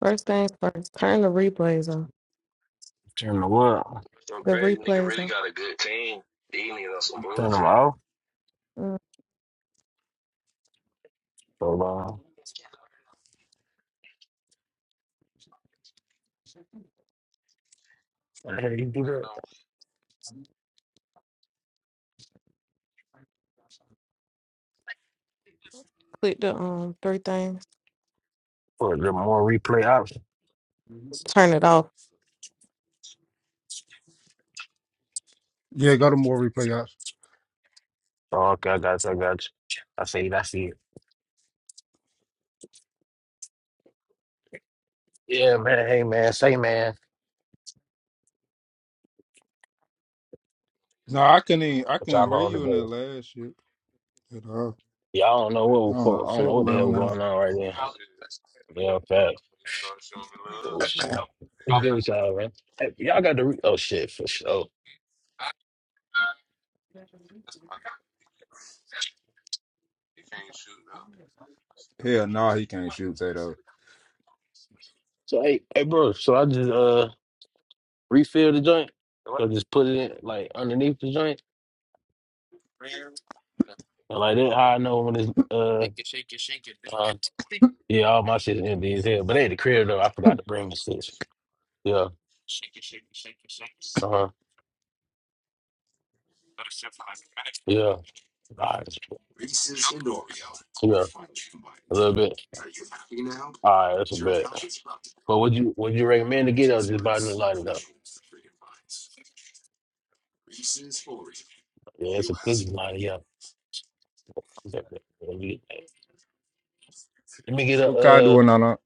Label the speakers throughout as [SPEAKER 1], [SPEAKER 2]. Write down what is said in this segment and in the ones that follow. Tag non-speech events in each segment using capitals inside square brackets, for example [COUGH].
[SPEAKER 1] First things first, turn the replays off.
[SPEAKER 2] Turn the what?
[SPEAKER 1] The replays off.
[SPEAKER 2] Turn them off.
[SPEAKER 1] Uh,
[SPEAKER 2] So long. I heard you do that.
[SPEAKER 1] click the um three things.
[SPEAKER 2] For the more replay options.
[SPEAKER 1] Turn it off.
[SPEAKER 3] Yeah, go to more replay options.
[SPEAKER 2] Oh, okay, I got you. I got you. I see it. I see it. Yeah, man. Hey, man. Say, man.
[SPEAKER 3] No, I couldn't. Even, I
[SPEAKER 2] What
[SPEAKER 3] couldn't
[SPEAKER 2] y'all
[SPEAKER 3] hear
[SPEAKER 2] on
[SPEAKER 3] you in that
[SPEAKER 2] today?
[SPEAKER 3] last shit. At all.
[SPEAKER 2] Yeah, I don't know
[SPEAKER 3] I
[SPEAKER 2] what.
[SPEAKER 3] don't know.
[SPEAKER 2] was- I don't
[SPEAKER 3] so
[SPEAKER 2] know what the
[SPEAKER 3] Lil
[SPEAKER 2] hell
[SPEAKER 3] now.
[SPEAKER 2] going on right now. Yeah, facts. Oh shit. I'll give it to y'all, man. Hey, y'all got the re- oh shit for sure.
[SPEAKER 3] Hell no, he can't shoot Tato.
[SPEAKER 2] So hey, hey, bro. So I just uh refill the joint. So just put it in, like underneath the joint, and like that. How I know when it's uh. uh, Yeah, all my shit is in these here. But they had the crib though. I forgot to bring the shit. Yeah. Uh huh. Yeah. All right. Yeah. A little bit. All right. That's a bit. But would you would you recommend to get up just buy a new lighter though? Yeah, it's a pretty lighter. Yeah. Let me get a
[SPEAKER 3] What Kai
[SPEAKER 2] uh
[SPEAKER 3] doing on that?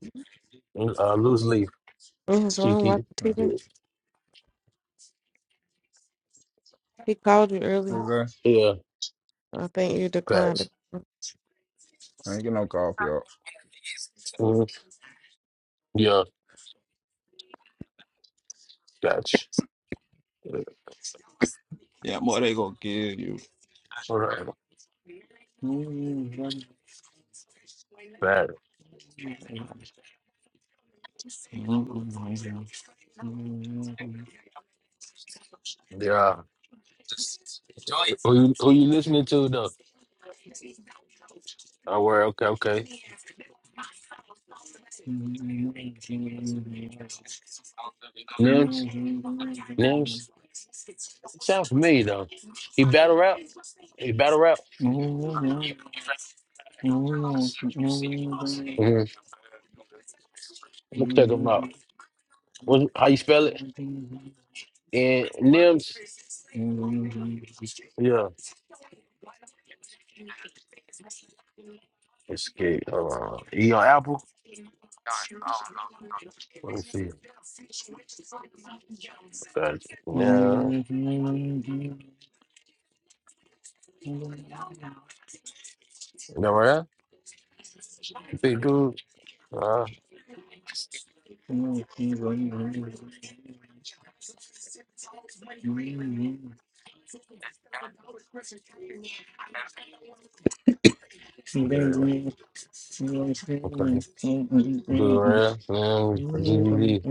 [SPEAKER 2] a loose leaf.
[SPEAKER 1] In his
[SPEAKER 2] She
[SPEAKER 1] room, watch
[SPEAKER 2] keep-
[SPEAKER 1] the
[SPEAKER 3] Yeah,
[SPEAKER 1] TV.
[SPEAKER 2] it.
[SPEAKER 1] He called you earlier.
[SPEAKER 3] Exactly.
[SPEAKER 2] Yeah.
[SPEAKER 1] I think you declined
[SPEAKER 2] Facts.
[SPEAKER 1] it.
[SPEAKER 3] I ain't get no call for y'all.
[SPEAKER 2] Mhm. Yeah. Facts. All
[SPEAKER 3] Yeah, more they gonna give you.
[SPEAKER 2] right. Facts. Yeah. Who you, who you listening to though? Oh, well, okay, okay. Nims, Nims. It sounds familiar though. He battle rap. He battle rap. Mm-hmm. Look, check him out. What, how you spell it? And Nims. Yeah, it's good. Hold on. He on Apple. Let me see. Uh, No, no, right? Big dude. Uh,
[SPEAKER 3] Mm-hmm.
[SPEAKER 2] bad. Okay. Dude, right? Nims. GVV.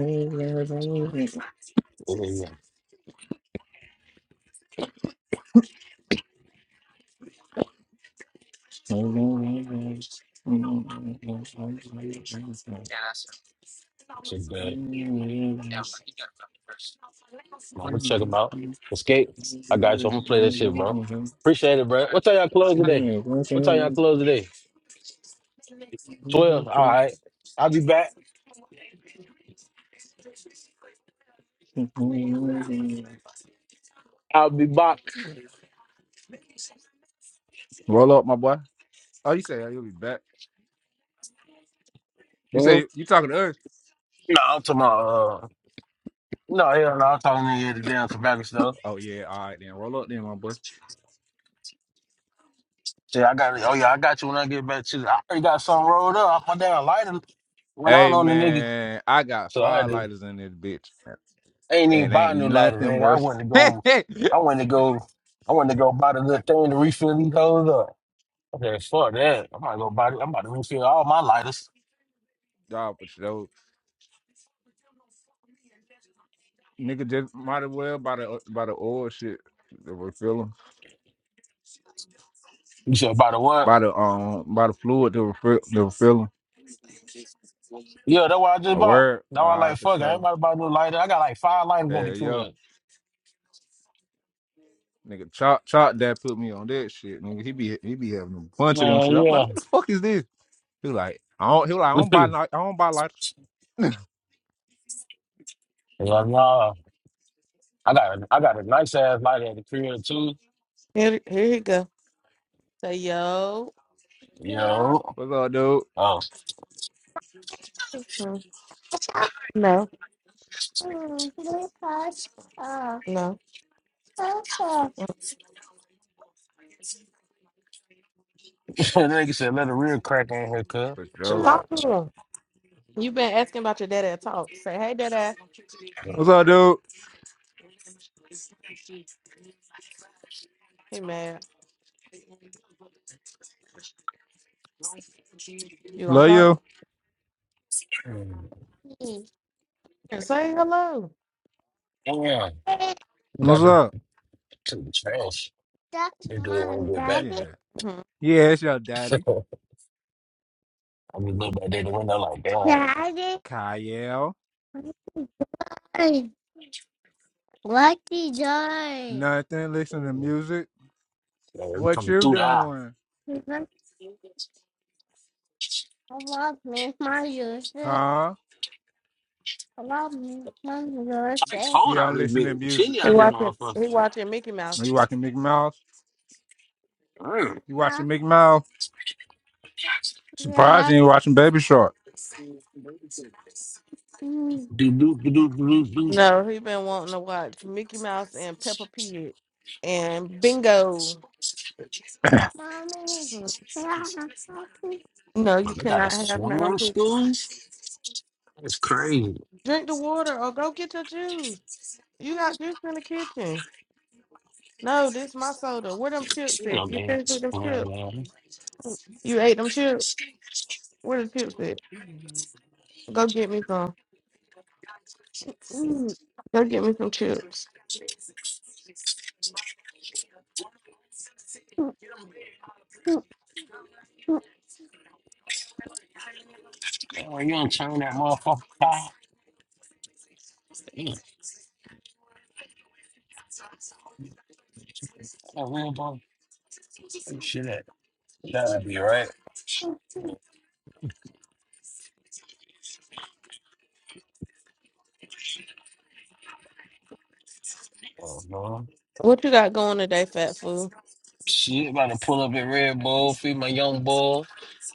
[SPEAKER 2] Yeah, yeah, yeah. Check that. I'm gonna check them out. Escape.
[SPEAKER 3] Roll
[SPEAKER 2] I got you. I'm gonna play that shit, bro. Appreciate it, bro. What time y'all close today? What time y'all close today? Twelve. All right. I'll be back. I'll be back.
[SPEAKER 3] up, my boy. Oh, you say you'll be back. You
[SPEAKER 2] hmm
[SPEAKER 3] say you talking to us?
[SPEAKER 2] No, I'm talking about. Uh, no, hell no. I'm talking to you at the damn tobacco stuff.
[SPEAKER 3] Oh yeah, all right then. Roll up then, my boy.
[SPEAKER 2] See, I got. Oh yeah, I got you when I get back to. you. I already got something rolled up. I My damn lighter went out
[SPEAKER 3] Hey
[SPEAKER 2] on the nigga,
[SPEAKER 3] man, I got
[SPEAKER 2] so I had
[SPEAKER 3] five
[SPEAKER 2] to.
[SPEAKER 3] lighters in this bitch,
[SPEAKER 2] I ain't
[SPEAKER 3] and
[SPEAKER 2] even buy a
[SPEAKER 3] ain't
[SPEAKER 2] new lighter,
[SPEAKER 3] nothing
[SPEAKER 2] nigga. I
[SPEAKER 3] worse.
[SPEAKER 2] wanted to go.
[SPEAKER 3] [LAUGHS]
[SPEAKER 2] I wanted to go. I wanted to go buy the little thing to refill these hoes up. Okay, fuck that. I'm about to go buy. I'm about to refill all my lighters.
[SPEAKER 3] Dog, but you nigga just might as well by the by the oil shit to refill 'em.
[SPEAKER 2] You said about the what?
[SPEAKER 3] by the um by the fluid to refill to refill 'em.
[SPEAKER 2] Yeah, that's what I just
[SPEAKER 3] A
[SPEAKER 2] bought.
[SPEAKER 3] word, all
[SPEAKER 2] Now I
[SPEAKER 3] right
[SPEAKER 2] like
[SPEAKER 3] for
[SPEAKER 2] fuck. it, I ain't
[SPEAKER 3] sure.
[SPEAKER 2] about to buy no lighter. I got like five lighters at
[SPEAKER 3] Hell
[SPEAKER 2] the
[SPEAKER 3] yeah.
[SPEAKER 2] crib.
[SPEAKER 3] Nigga, chop, chop! Dad put me on that shit. Nigga, he be he be having a bunch of them
[SPEAKER 2] Yeah,
[SPEAKER 3] shit. I'm like,
[SPEAKER 2] yeah.
[SPEAKER 3] what the fuck is this? He like, I don't. He like, I don't buy.
[SPEAKER 2] [LAUGHS]
[SPEAKER 3] ni- I don't buy like.
[SPEAKER 2] yeah, nah. I got a, I got a nice ass lighter at the crib too.
[SPEAKER 1] Here, here he go. Say yo. Yo.
[SPEAKER 2] Yo.
[SPEAKER 3] What's up, dude?
[SPEAKER 2] Oh,
[SPEAKER 1] Hmm. No. Mm, because, uh, No. also,
[SPEAKER 2] [LAUGHS] that nigga said let the real crack on here, cuz.
[SPEAKER 3] What's
[SPEAKER 1] Mm.
[SPEAKER 2] Chill
[SPEAKER 3] up?
[SPEAKER 1] Talk
[SPEAKER 2] out.
[SPEAKER 1] to him. You been asking about your daddy to talk. Say hey, daddy.
[SPEAKER 2] chill
[SPEAKER 3] What's
[SPEAKER 2] out.
[SPEAKER 3] up, dude?
[SPEAKER 1] He mad. You gonna
[SPEAKER 3] Love
[SPEAKER 1] talk?
[SPEAKER 3] you.
[SPEAKER 1] Mm. And say hello.
[SPEAKER 2] Damn, you
[SPEAKER 3] What's
[SPEAKER 2] got the
[SPEAKER 3] up?
[SPEAKER 2] to the trash.
[SPEAKER 1] That's
[SPEAKER 2] They do it when
[SPEAKER 1] my
[SPEAKER 2] we get back.
[SPEAKER 3] Yeah,
[SPEAKER 1] daddy. Mhm.
[SPEAKER 3] yeah. It's your daddy,
[SPEAKER 2] [LAUGHS] I'm just looking back there the window like damn.
[SPEAKER 1] Daddy, hey,
[SPEAKER 3] Kyle.
[SPEAKER 1] what is I?
[SPEAKER 3] Nothing. Listen to music.
[SPEAKER 2] Yeah, we
[SPEAKER 3] What
[SPEAKER 2] coming
[SPEAKER 3] you
[SPEAKER 2] through that.
[SPEAKER 3] doing?
[SPEAKER 1] What me, my sister?
[SPEAKER 3] Huh?
[SPEAKER 1] What me, my
[SPEAKER 2] like
[SPEAKER 1] sister?
[SPEAKER 2] cold
[SPEAKER 3] Yeah,
[SPEAKER 2] out
[SPEAKER 3] I'm
[SPEAKER 2] this
[SPEAKER 3] listening to
[SPEAKER 2] bitch.
[SPEAKER 3] music.
[SPEAKER 2] Chilly
[SPEAKER 1] He
[SPEAKER 2] out this
[SPEAKER 1] watching.
[SPEAKER 2] motherfucker.
[SPEAKER 1] He watching Mickey Mouse.
[SPEAKER 3] Are you watching Mickey Mouse?
[SPEAKER 2] Mm.
[SPEAKER 3] You watching
[SPEAKER 1] [LAUGHS]
[SPEAKER 3] Mickey Mouse? Surprised
[SPEAKER 1] Yeah,
[SPEAKER 3] you ain't watching Baby Shark.
[SPEAKER 1] mm,
[SPEAKER 2] Do, do, do, do, do, do.
[SPEAKER 1] No, he been wanting to watch Mickey Mouse and Peppa Pig and Bingo. mommy. Yeah, No, you
[SPEAKER 2] But they got a
[SPEAKER 1] cannot have none.
[SPEAKER 2] swim school? That's crazy.
[SPEAKER 1] Drink the water or go get your juice. You got juice in the kitchen. No, this my soda. Where them chips
[SPEAKER 2] You
[SPEAKER 1] at?
[SPEAKER 2] know,
[SPEAKER 1] You finished with
[SPEAKER 2] dance,
[SPEAKER 1] them
[SPEAKER 2] man.
[SPEAKER 1] chips?
[SPEAKER 2] Man,
[SPEAKER 1] You ate them chips? Where the chips at? Go get me some. Mm, Go get me some chips. [LAUGHS]
[SPEAKER 2] Oh, you don't turn that motherfucker fire. Damn, that real boy. Where the Shit, at? that would be right. Oh, man.
[SPEAKER 1] What you got going today, fat fool?
[SPEAKER 2] Shit, about to pull up at Red Bull, feed my young boy.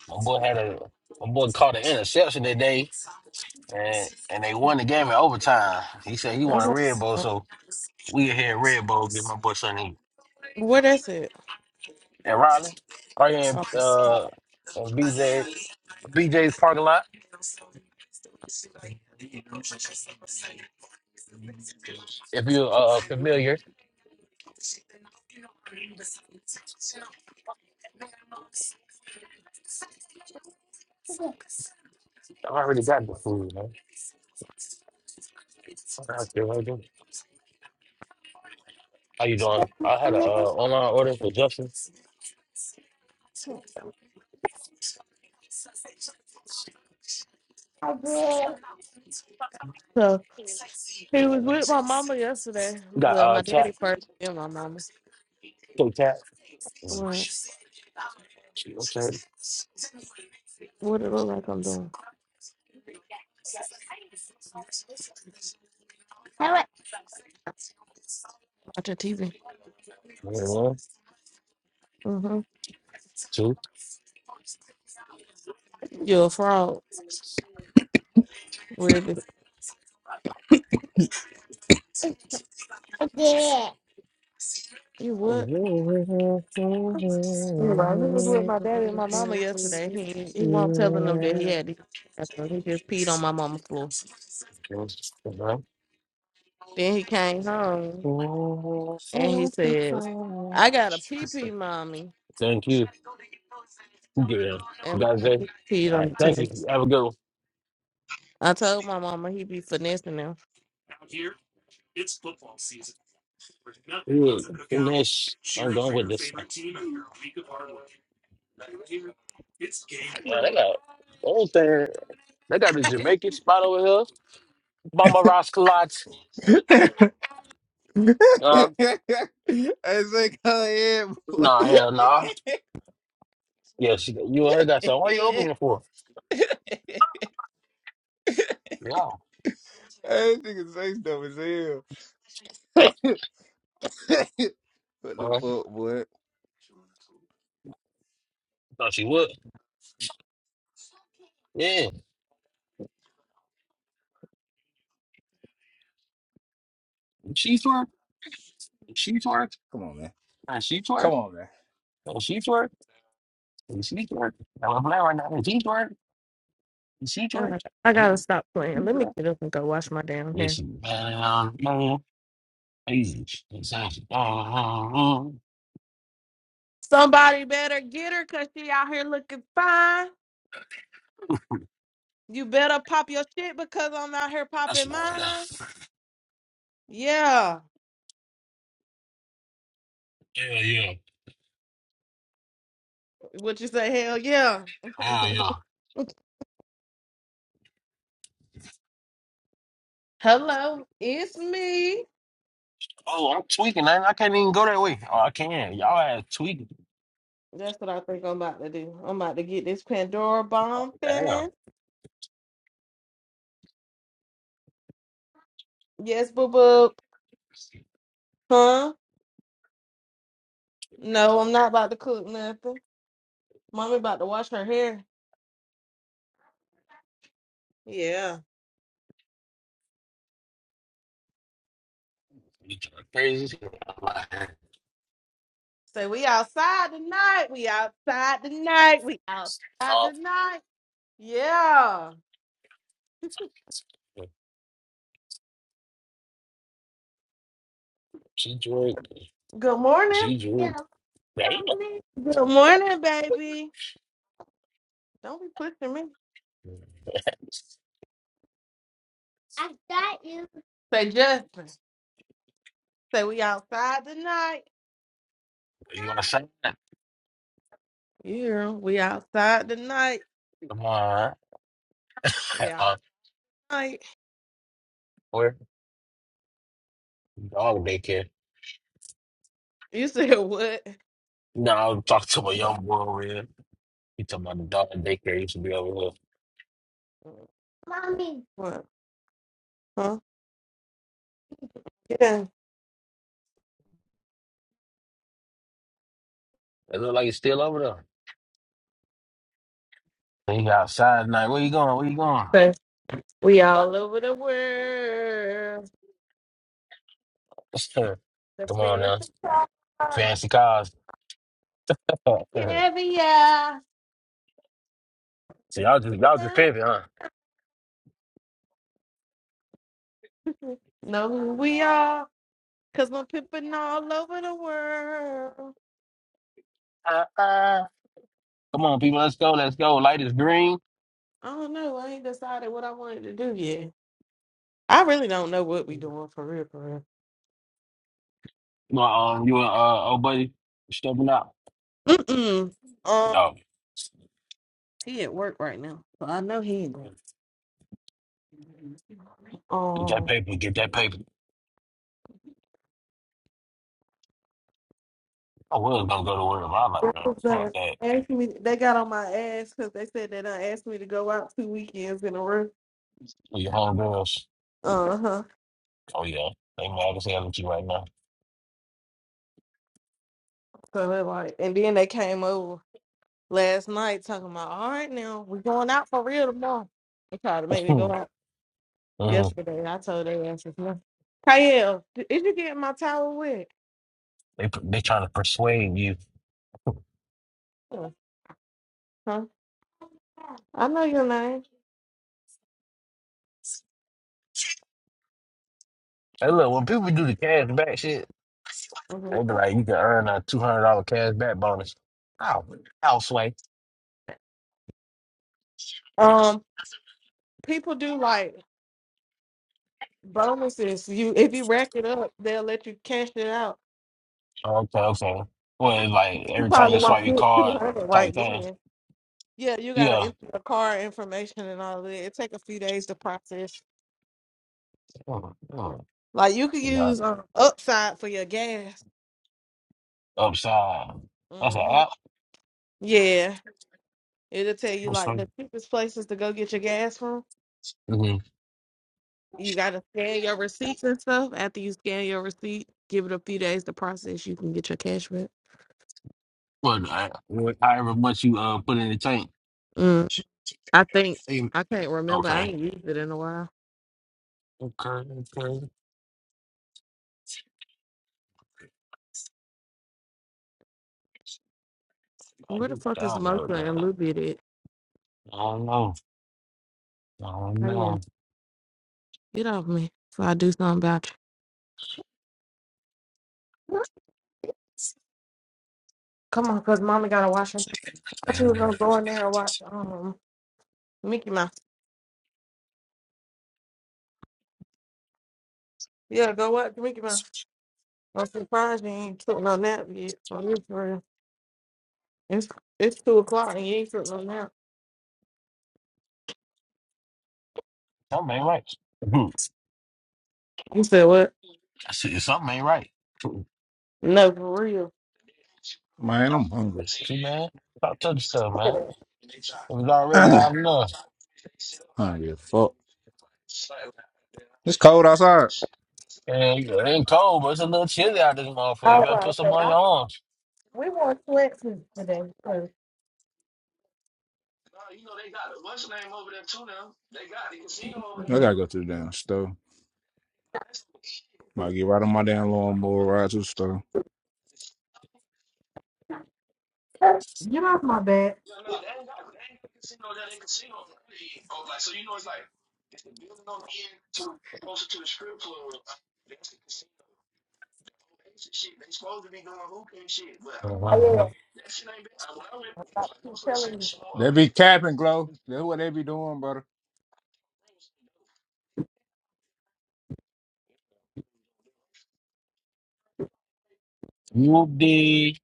[SPEAKER 2] My boy had a, my boy caught an interception today. And and they won the game in overtime. He said he
[SPEAKER 1] I
[SPEAKER 2] won a
[SPEAKER 1] know-
[SPEAKER 2] Red Bull, so we here at Red Bull get my boy something to eat.
[SPEAKER 1] Where that's it?
[SPEAKER 2] And Riley, right here in
[SPEAKER 1] Okay.
[SPEAKER 2] uh in BJ BJ's parking lot. If you're uh uh, familiar, I've already got the food, man. I'm out there right there. How you doing? I had a uh,
[SPEAKER 1] [LAUGHS]
[SPEAKER 2] online order for Justin's.
[SPEAKER 1] So
[SPEAKER 2] You
[SPEAKER 1] he
[SPEAKER 2] know, what
[SPEAKER 1] was
[SPEAKER 2] I mean?
[SPEAKER 1] with my mama yesterday.
[SPEAKER 2] we got
[SPEAKER 1] Well,
[SPEAKER 2] uh
[SPEAKER 1] my
[SPEAKER 2] tap,
[SPEAKER 1] daddy first, then my mama.
[SPEAKER 2] two tap
[SPEAKER 1] What?
[SPEAKER 2] Okay,
[SPEAKER 1] What it look like I'm doing? Watching TV.
[SPEAKER 2] One,
[SPEAKER 1] Mm-hmm.
[SPEAKER 2] two,
[SPEAKER 1] You're a frog, ribbit. I did. You
[SPEAKER 2] [LAUGHS]
[SPEAKER 1] would.
[SPEAKER 2] three.
[SPEAKER 1] Anyway, he was with my daddy and my mama yesterday. He he won't telling them that he had these asthma. He just peed on my mama's floor.
[SPEAKER 2] One, two.
[SPEAKER 1] Then he came home
[SPEAKER 2] Thank
[SPEAKER 1] and he says, "I got a pee pee, mommy,"
[SPEAKER 2] you. Good. man.
[SPEAKER 1] and
[SPEAKER 2] You guys. it,
[SPEAKER 1] he peed
[SPEAKER 2] All
[SPEAKER 1] on
[SPEAKER 2] right.
[SPEAKER 1] the
[SPEAKER 2] Thank
[SPEAKER 1] toilet.
[SPEAKER 2] you. Have a good one.
[SPEAKER 1] I told my mama he be finessing them.
[SPEAKER 2] Ooh, Finish. I'm done with this. thing. Yeah, they got old thing. They got the Jamaican spot over here. Mama Ross Kalot.
[SPEAKER 3] [LAUGHS] [LAUGHS] I
[SPEAKER 2] Uh,
[SPEAKER 3] say, come here, boy.
[SPEAKER 2] nah,
[SPEAKER 3] [LAUGHS]
[SPEAKER 2] hell nah. Yeah, she, you and her got some. Why you opening it for? Yeah. All
[SPEAKER 3] I nigga say stuff as hell. [LAUGHS] what the
[SPEAKER 2] right.
[SPEAKER 3] fuck, boy?
[SPEAKER 2] Thought she would. Yeah. She twerk. She twerk.
[SPEAKER 3] Come on, man.
[SPEAKER 2] And she twerk.
[SPEAKER 3] Come on, man.
[SPEAKER 2] And she twerk. And she twerk. And we're playing right now. And she twerk. And she
[SPEAKER 1] I'm
[SPEAKER 2] twerk.
[SPEAKER 1] like, I gotta
[SPEAKER 2] And
[SPEAKER 1] stop
[SPEAKER 2] she
[SPEAKER 1] playing. Let me
[SPEAKER 2] twerk.
[SPEAKER 1] get up and go wash my damn hair.
[SPEAKER 2] It's bad, man. Easy. It's out. Uh-huh.
[SPEAKER 1] Somebody better get her, cause she out here looking fine. You better pop your shit because I'm out here
[SPEAKER 2] That's
[SPEAKER 1] popping
[SPEAKER 2] what I got.
[SPEAKER 1] mine. Yeah.
[SPEAKER 2] Yeah, yeah. Yeah,
[SPEAKER 1] What you say? Hell yeah. [LAUGHS]
[SPEAKER 2] yeah. yeah.
[SPEAKER 1] Hello, it's me.
[SPEAKER 2] Oh, I'm tweaking, man. I can't even go that way. Oh, I can. Y'all ass tweaking.
[SPEAKER 1] That's what I think I'm about to do. I'm about to get this Pandora bomb
[SPEAKER 2] Damn.
[SPEAKER 1] fan. Yes, boo boo. Huh? No, I'm not about to cook nothing. Mommy about to wash her hair. Yeah.
[SPEAKER 2] You talking crazy. [LAUGHS] as hell. I'm like,
[SPEAKER 1] Say we outside tonight. We outside tonight. We outside tonight. Yeah. Good morning. Yeah, morning. Good morning, baby. Don't be pushing me.
[SPEAKER 2] [LAUGHS]
[SPEAKER 1] I got you. Say Justin. Say we outside tonight.
[SPEAKER 2] you want to say?
[SPEAKER 1] Yeah, we outside tonight.
[SPEAKER 2] Come on.
[SPEAKER 1] We
[SPEAKER 2] [LAUGHS] Uh,
[SPEAKER 1] outside.
[SPEAKER 2] where? Dog daycare.
[SPEAKER 1] You [LAUGHS] said what?
[SPEAKER 2] No, I was talking to my young boy over here. He talking about the dog daycare used to be over here.
[SPEAKER 1] Mommy. What? Huh? Yeah, down.
[SPEAKER 2] It look like it's still over there. He outside tonight. Where you going? Where you going?
[SPEAKER 1] Say, we all over the world.
[SPEAKER 2] [LAUGHS]
[SPEAKER 1] The
[SPEAKER 2] Come on
[SPEAKER 1] fancy
[SPEAKER 2] now.
[SPEAKER 1] cars, the
[SPEAKER 2] Fancy cars. [LAUGHS] so
[SPEAKER 1] caviar.
[SPEAKER 2] y'all just y'all just
[SPEAKER 1] No.
[SPEAKER 2] pimping, huh?
[SPEAKER 1] know who we are. Cause I'm pimping all over the world.
[SPEAKER 2] Come on, people, let's go, let's go. Light is green.
[SPEAKER 1] I don't know. I ain't decided what I wanted to do yet. I really don't know what we doing for real, for real.
[SPEAKER 2] My um, you and uh, old buddy stepping out.
[SPEAKER 1] Mm-mm. Um,
[SPEAKER 2] Yo,
[SPEAKER 1] He at work right now, so I know he ain't going.
[SPEAKER 2] get that
[SPEAKER 1] Um,
[SPEAKER 2] paper, get that paper. I was gonna go to work, but I'm like,
[SPEAKER 1] what
[SPEAKER 2] man,
[SPEAKER 1] was
[SPEAKER 2] fuck
[SPEAKER 1] that?
[SPEAKER 2] that.
[SPEAKER 1] Asking me, they got on my ass because they said they done asked me to go out two weekends in a row.
[SPEAKER 2] Well, Your homegirls.
[SPEAKER 1] Uh huh.
[SPEAKER 2] Oh yeah, they mad as hell at you right now.
[SPEAKER 1] So they like, and then they came over last night talking about, all right, now we going out for real tomorrow. They tried to make me go
[SPEAKER 2] [LAUGHS]
[SPEAKER 1] out
[SPEAKER 2] mm,
[SPEAKER 1] yesterday. I told their asses no. Kyle, did you get my towel wet?
[SPEAKER 2] they they trying to persuade you.
[SPEAKER 1] Huh? I know your name.
[SPEAKER 2] Hey, look, when people do the cash back shit,
[SPEAKER 1] Mhm.
[SPEAKER 2] they be like, you can earn a two hundred dollar cash back bonus. Oh, houseway.
[SPEAKER 1] Um, people do like. bonuses. You if you rack it up, they'll let you cash it out.
[SPEAKER 2] Okay, okay. Well, it's like
[SPEAKER 1] You
[SPEAKER 2] every time
[SPEAKER 1] probably
[SPEAKER 2] you swipe
[SPEAKER 1] won't
[SPEAKER 2] your
[SPEAKER 1] get two
[SPEAKER 2] card
[SPEAKER 1] hundred
[SPEAKER 2] type
[SPEAKER 1] right
[SPEAKER 2] thing.
[SPEAKER 1] then. Yeah, you gotta
[SPEAKER 2] Yeah.
[SPEAKER 1] enter the car information and all of that. It take a few days to process.
[SPEAKER 2] Mm, mm.
[SPEAKER 1] Like you could
[SPEAKER 2] Got
[SPEAKER 1] use
[SPEAKER 2] it.
[SPEAKER 1] um, Upside for your gas.
[SPEAKER 2] upside. That's an
[SPEAKER 1] hmm
[SPEAKER 2] app.
[SPEAKER 1] Yeah, it'll tell you
[SPEAKER 2] I'm
[SPEAKER 1] like
[SPEAKER 2] sorry.
[SPEAKER 1] the cheapest places to go get your gas from.
[SPEAKER 2] Mm-hmm.
[SPEAKER 1] You gotta scan your receipts and stuff. After you scan your receipt, give it a few days to process. You can get your cash back.
[SPEAKER 2] But I, what- however much you uh put in the tank.
[SPEAKER 1] Mm, I think
[SPEAKER 2] Okay.
[SPEAKER 1] I can't remember.
[SPEAKER 2] Okay.
[SPEAKER 1] I ain't used it in a while.
[SPEAKER 2] Okay. I
[SPEAKER 1] Where the
[SPEAKER 2] just
[SPEAKER 1] fuck is the motion
[SPEAKER 2] download
[SPEAKER 1] and
[SPEAKER 2] that.
[SPEAKER 1] Luby at?
[SPEAKER 2] I don't know. I don't
[SPEAKER 1] Oh yeah,
[SPEAKER 2] know.
[SPEAKER 1] get off me before I do something about you? Come on, cause mommy gotta watch her. I thought you were gonna go in there and watch um Mickey Mouse. Yeah, go watch Mickey Mouse. I'm surprised you ain't took no nap yet. For real, for real. It's it's two o'clock and you ain't took no nap.
[SPEAKER 2] Something ain't right. Mhm.
[SPEAKER 1] You said what?
[SPEAKER 2] I see something ain't right. Hmm.
[SPEAKER 1] No, for real.
[SPEAKER 3] Man, I'm hungry. [CLEARS THROAT]
[SPEAKER 2] See, man, stop touching stuff, man. It was already
[SPEAKER 3] Ah,
[SPEAKER 2] loud enough.
[SPEAKER 3] it's cold outside.
[SPEAKER 2] And it ain't cold, but it's a little chilly out this motherfucker. You
[SPEAKER 1] All
[SPEAKER 2] better put
[SPEAKER 1] right,
[SPEAKER 2] some
[SPEAKER 1] so
[SPEAKER 2] on
[SPEAKER 1] I,
[SPEAKER 2] your
[SPEAKER 1] we want flexes today. so-
[SPEAKER 3] I gotta go to the damn store. Might get right on my damn lawnmower, ride to the store.
[SPEAKER 1] Get off my bed. Oh, yeah.
[SPEAKER 2] arms.
[SPEAKER 1] I keep telling you.
[SPEAKER 3] They be capping, Glow. That's what they be doing, brother.
[SPEAKER 2] Whoop dee.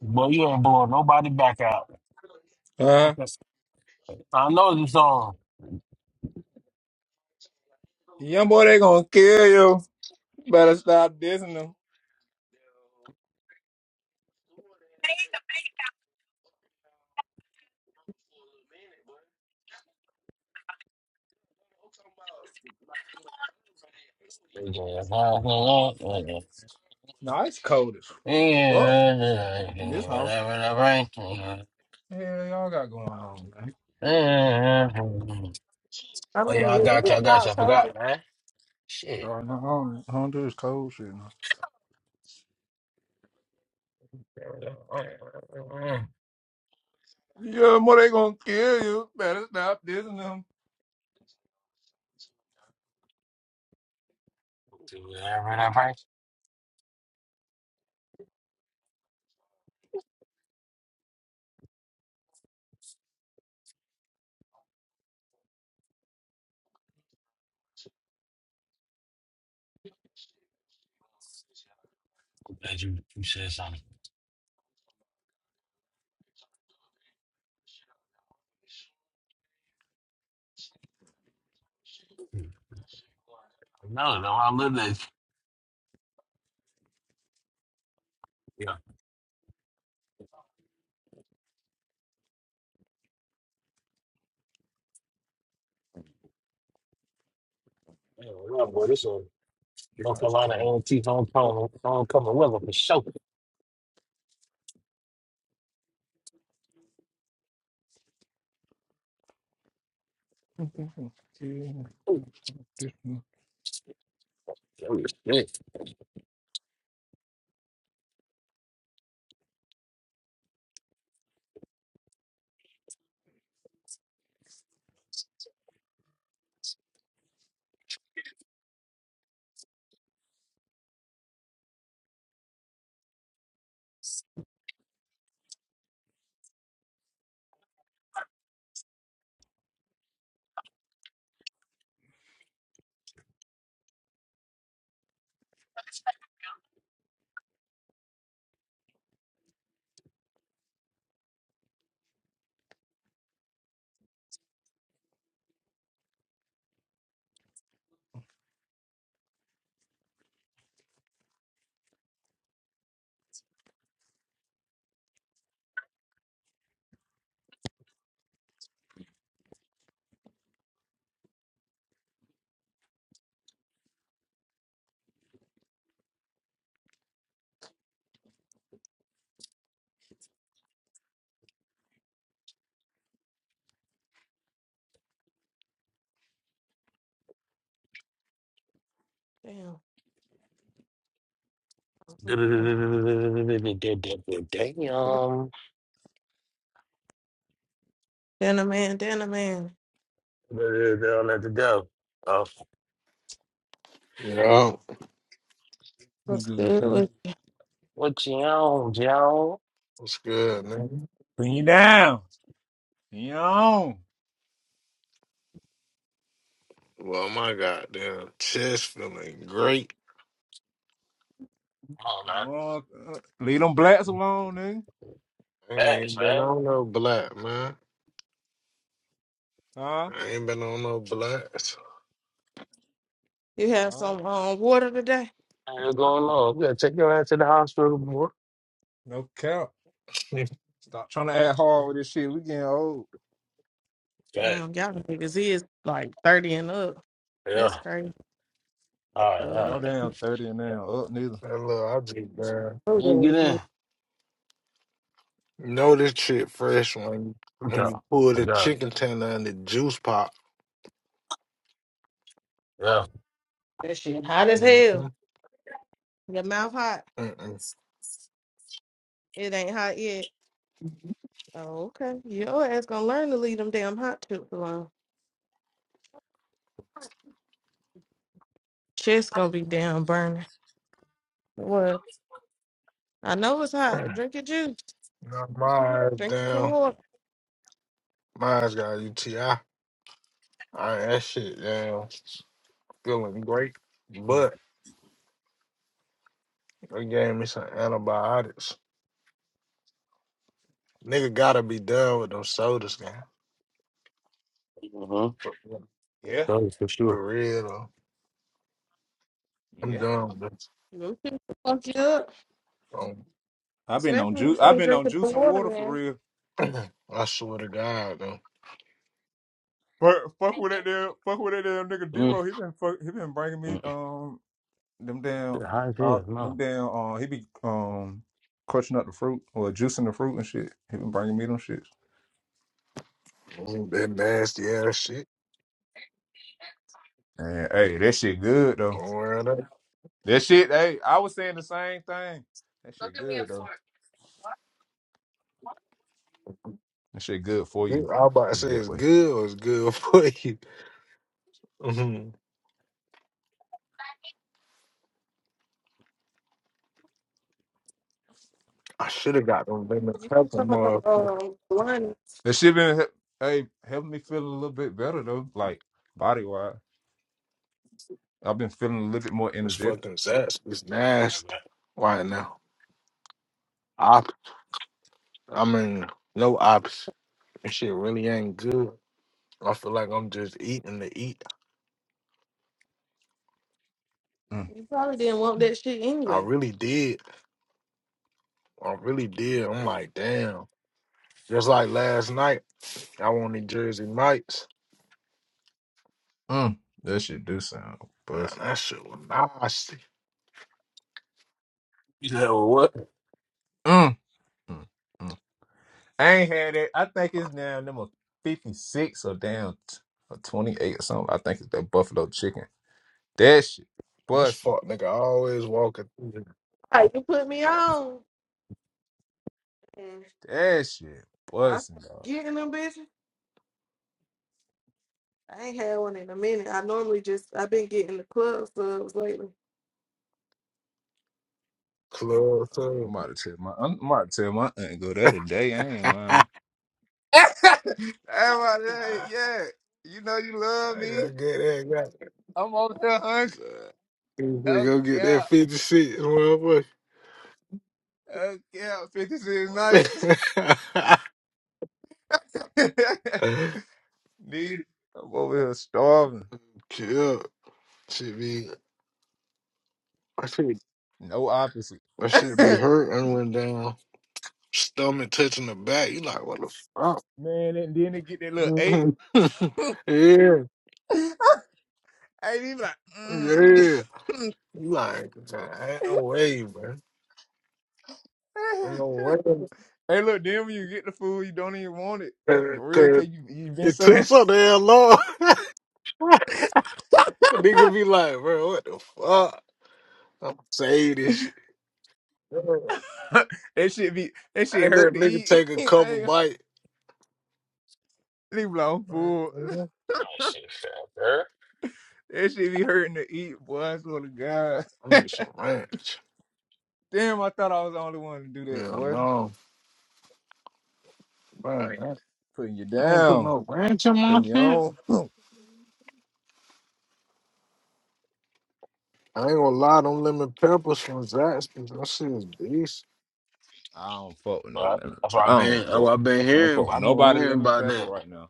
[SPEAKER 2] Boy, you ain't blowing nobody back out.
[SPEAKER 3] Uh,
[SPEAKER 2] Okay. I know this song.
[SPEAKER 3] young boy, they gonna kill you. Better stop dissing them. No, it's cold. Well, in this house. Yeah, y'all got going on, man.
[SPEAKER 1] I
[SPEAKER 2] Oh,
[SPEAKER 1] mean,
[SPEAKER 2] yeah, I
[SPEAKER 1] it
[SPEAKER 2] got you.
[SPEAKER 1] is
[SPEAKER 2] I got you. I
[SPEAKER 1] October.
[SPEAKER 2] forgot, man. Shit.
[SPEAKER 3] Y'all know, I, don't, I don't do this cold shit. No.
[SPEAKER 2] [LAUGHS]
[SPEAKER 3] Yeah, more they gonna kill you. Better stop this and them.
[SPEAKER 2] that you, you said something. No, no, I live this. Yeah, well, boy, this one. North Carolina A&T homecoming, homecoming weather for sure.
[SPEAKER 3] [LAUGHS]
[SPEAKER 2] Oh, shit.
[SPEAKER 1] Damn. I was
[SPEAKER 2] [LAUGHS]
[SPEAKER 1] looking
[SPEAKER 2] Damn.
[SPEAKER 1] for- Dinner man, dinner man.
[SPEAKER 2] Let it go. Uh,
[SPEAKER 4] Yeah,
[SPEAKER 3] What's
[SPEAKER 1] What's
[SPEAKER 3] good,
[SPEAKER 1] good?
[SPEAKER 3] girl?
[SPEAKER 1] What-
[SPEAKER 2] what you on, Joe?
[SPEAKER 4] what's good, man?
[SPEAKER 3] Bring you down. Bring you on.
[SPEAKER 4] Well, my goddamn chest feeling great.
[SPEAKER 2] Oh, man.
[SPEAKER 3] Wrong. uh, Leave them
[SPEAKER 2] We're
[SPEAKER 3] blacks alone, nigga.
[SPEAKER 4] I ain't
[SPEAKER 2] Fast,
[SPEAKER 4] even been
[SPEAKER 2] man.
[SPEAKER 4] on no black, man.
[SPEAKER 3] Huh?
[SPEAKER 4] I ain't been on no black.
[SPEAKER 1] You have
[SPEAKER 3] All right.
[SPEAKER 1] some um water today?
[SPEAKER 2] What's going on? We gotta take your ass to the hospital, boy.
[SPEAKER 3] No cap.
[SPEAKER 4] [LAUGHS] that
[SPEAKER 3] Stop trying to act hard with this shit. We getting old.
[SPEAKER 2] Yeah.
[SPEAKER 1] Damn, y'all niggas is like 30 and up.
[SPEAKER 2] Yeah.
[SPEAKER 1] That's crazy.
[SPEAKER 2] All right, all
[SPEAKER 1] Oh,
[SPEAKER 3] Ain't no
[SPEAKER 2] right.
[SPEAKER 3] damn 30 and
[SPEAKER 2] Yeah.
[SPEAKER 3] now up neither.
[SPEAKER 4] little, I just been.
[SPEAKER 2] You can get
[SPEAKER 1] that.
[SPEAKER 2] in.
[SPEAKER 4] You know this shit fresh when
[SPEAKER 2] I'm
[SPEAKER 4] when
[SPEAKER 2] talking.
[SPEAKER 4] you pull
[SPEAKER 2] Oh,
[SPEAKER 4] the
[SPEAKER 2] God.
[SPEAKER 4] chicken tender and the juice pop.
[SPEAKER 2] Yeah.
[SPEAKER 1] That shit hot as hell.
[SPEAKER 4] Mm-hmm.
[SPEAKER 1] Your mouth hot.
[SPEAKER 4] Mm-mm.
[SPEAKER 1] It ain't hot yet. Oh, okay. Your ass gonna learn to leave them damn hot chips alone. Chest gonna be damn burning. What? I know it's hot.
[SPEAKER 4] [CLEARS THROAT]
[SPEAKER 1] Drink your juice.
[SPEAKER 4] Knock my eyes
[SPEAKER 1] Drink you some
[SPEAKER 4] down.
[SPEAKER 1] water.
[SPEAKER 4] My eyes got a UTI. All right, that shit down. Feeling great, but they gave me some antibiotics. Nigga gotta be done with them sodas, man.
[SPEAKER 2] Mm-hmm.
[SPEAKER 4] For,
[SPEAKER 3] Yeah.
[SPEAKER 2] That was for sure.
[SPEAKER 4] for real, though. I'm
[SPEAKER 3] Yeah.
[SPEAKER 4] done with this.
[SPEAKER 1] Them shit will fuck you up.
[SPEAKER 4] Um,
[SPEAKER 3] I've been on
[SPEAKER 1] Especially if
[SPEAKER 3] juice.
[SPEAKER 1] you
[SPEAKER 3] I've
[SPEAKER 1] ain't
[SPEAKER 3] been on
[SPEAKER 1] drinking the
[SPEAKER 3] juice and
[SPEAKER 1] water,
[SPEAKER 3] water for
[SPEAKER 1] man.
[SPEAKER 3] real.
[SPEAKER 4] [CLEARS THROAT] I swear to God, though.
[SPEAKER 3] Fuck, fuck with that damn, fuck with that damn nigga
[SPEAKER 2] Mm-hmm.
[SPEAKER 3] D-Ro. He been fuck, he been bringing me um them damn,
[SPEAKER 2] High as
[SPEAKER 3] uh,
[SPEAKER 2] hell,
[SPEAKER 3] them
[SPEAKER 2] no.
[SPEAKER 3] damn. Uh, he be um crushing up the fruit or juicing the fruit and shit. He been bringing me them shits.
[SPEAKER 4] Mm, That nasty ass shit.
[SPEAKER 3] And hey, that shit good though.
[SPEAKER 4] Don't worry about it.
[SPEAKER 3] That shit, hey, I was saying the same thing. That shit good though. That shit good for you.
[SPEAKER 4] Good- I was about to
[SPEAKER 3] Put it
[SPEAKER 4] say
[SPEAKER 3] that
[SPEAKER 4] it's
[SPEAKER 3] way.
[SPEAKER 4] good or it's good [LAUGHS] for you. Mhm. I should have got them lemon
[SPEAKER 1] You can
[SPEAKER 4] pepper
[SPEAKER 1] some of them
[SPEAKER 4] mug.
[SPEAKER 1] um lungs.
[SPEAKER 3] That shit been he- hey helping me feel a little bit better though, like body wise. I've been feeling a little bit more
[SPEAKER 4] It's
[SPEAKER 3] energetic.
[SPEAKER 4] fucking zest. It's nasty right now. Op- I mean, no ops. That shit really ain't good. I feel like I'm just eating to eat.
[SPEAKER 3] Mm.
[SPEAKER 1] You probably didn't want that shit
[SPEAKER 4] I
[SPEAKER 1] anyway.
[SPEAKER 4] really did. I really did. I'm like, damn. Just like last night, I wanted Jersey Mike's. Man,
[SPEAKER 3] Yes.
[SPEAKER 4] that shit was nasty.
[SPEAKER 2] You said what?
[SPEAKER 3] Mm. Mm. Mm. I ain't had it. I think it's now number fifty six or down t- or twenty eight or something. I think it's that buffalo chicken. That shit
[SPEAKER 4] And this
[SPEAKER 3] bussin'.
[SPEAKER 4] fuck nigga always walking through the
[SPEAKER 1] All right, you put me on. And
[SPEAKER 3] That shit
[SPEAKER 1] I start
[SPEAKER 3] bussin', dog.
[SPEAKER 1] getting them bitches. I ain't had one in a minute. I normally just I've been getting the club subs lately.
[SPEAKER 4] club too.
[SPEAKER 3] I'm about to tell my I'm about to tell my aunt go that today. I
[SPEAKER 4] [LAUGHS]
[SPEAKER 3] ain't
[SPEAKER 4] I
[SPEAKER 3] lying. [LAUGHS] I'm about to, tell you, yeah, you know you love me.
[SPEAKER 4] gotta get that guy.
[SPEAKER 3] I'm over there hungry.
[SPEAKER 4] Go get
[SPEAKER 3] Okay,
[SPEAKER 4] that 50 cents,
[SPEAKER 3] okay, fifty six nights.
[SPEAKER 4] motherfucker.
[SPEAKER 3] [LAUGHS]
[SPEAKER 4] [LAUGHS]
[SPEAKER 3] Need. I'm over here starving.
[SPEAKER 4] Kill. Should be, I should,
[SPEAKER 3] No opposite.
[SPEAKER 4] I should
[SPEAKER 3] [LAUGHS]
[SPEAKER 4] be hurt I went down. Stomach touching the back. You like, what
[SPEAKER 3] Man, and then they get that little eight.
[SPEAKER 4] the fuck?
[SPEAKER 3] [LAUGHS]
[SPEAKER 4] [LAUGHS] yeah,
[SPEAKER 3] Ain't even like, mm.
[SPEAKER 4] yeah.
[SPEAKER 3] [LAUGHS]
[SPEAKER 4] You Like, ain't no way, bro. Ain't no way.
[SPEAKER 3] hey, look, then when you get the food, you don't even want it.
[SPEAKER 4] Cause,
[SPEAKER 3] For real,
[SPEAKER 4] 'cause
[SPEAKER 3] cause you you been
[SPEAKER 4] it
[SPEAKER 3] so
[SPEAKER 4] took
[SPEAKER 3] that
[SPEAKER 4] so damn long. [LAUGHS] the nigga be like, bro, what the fuck? I'm saying this shit. I
[SPEAKER 3] [LAUGHS] that shit be that shit
[SPEAKER 4] let
[SPEAKER 3] hurt to
[SPEAKER 4] nigga
[SPEAKER 3] eat.
[SPEAKER 4] take a
[SPEAKER 3] [LAUGHS] I
[SPEAKER 4] couple
[SPEAKER 3] ain't
[SPEAKER 4] bites.
[SPEAKER 3] leave long food. [LAUGHS]
[SPEAKER 4] Mhm.
[SPEAKER 2] That shit fair.
[SPEAKER 3] That shit be hurting to eat, boy. I swear to God.
[SPEAKER 4] I need some ranch.
[SPEAKER 3] Damn, I thought I was the only one to do that,
[SPEAKER 4] Hell
[SPEAKER 3] boy.
[SPEAKER 4] no. Man,
[SPEAKER 3] Putting you
[SPEAKER 4] I, I ain't putting
[SPEAKER 3] down,
[SPEAKER 4] no ranch in my
[SPEAKER 3] putting you
[SPEAKER 4] shit.
[SPEAKER 3] on.
[SPEAKER 4] I ain't gonna lie, them lemon peppers from Zaxby's, that shit is beast.
[SPEAKER 3] I don't fuck with no
[SPEAKER 2] Right.
[SPEAKER 3] lemon.
[SPEAKER 2] That's what I've
[SPEAKER 3] I
[SPEAKER 2] been.
[SPEAKER 3] don't
[SPEAKER 2] That's
[SPEAKER 3] fuck.
[SPEAKER 2] what I've been
[SPEAKER 3] I don't
[SPEAKER 2] hearing.
[SPEAKER 3] fuck with
[SPEAKER 2] I've been
[SPEAKER 3] nobody
[SPEAKER 2] hearing
[SPEAKER 3] lemon
[SPEAKER 2] about
[SPEAKER 3] pepper
[SPEAKER 2] that.
[SPEAKER 3] right now.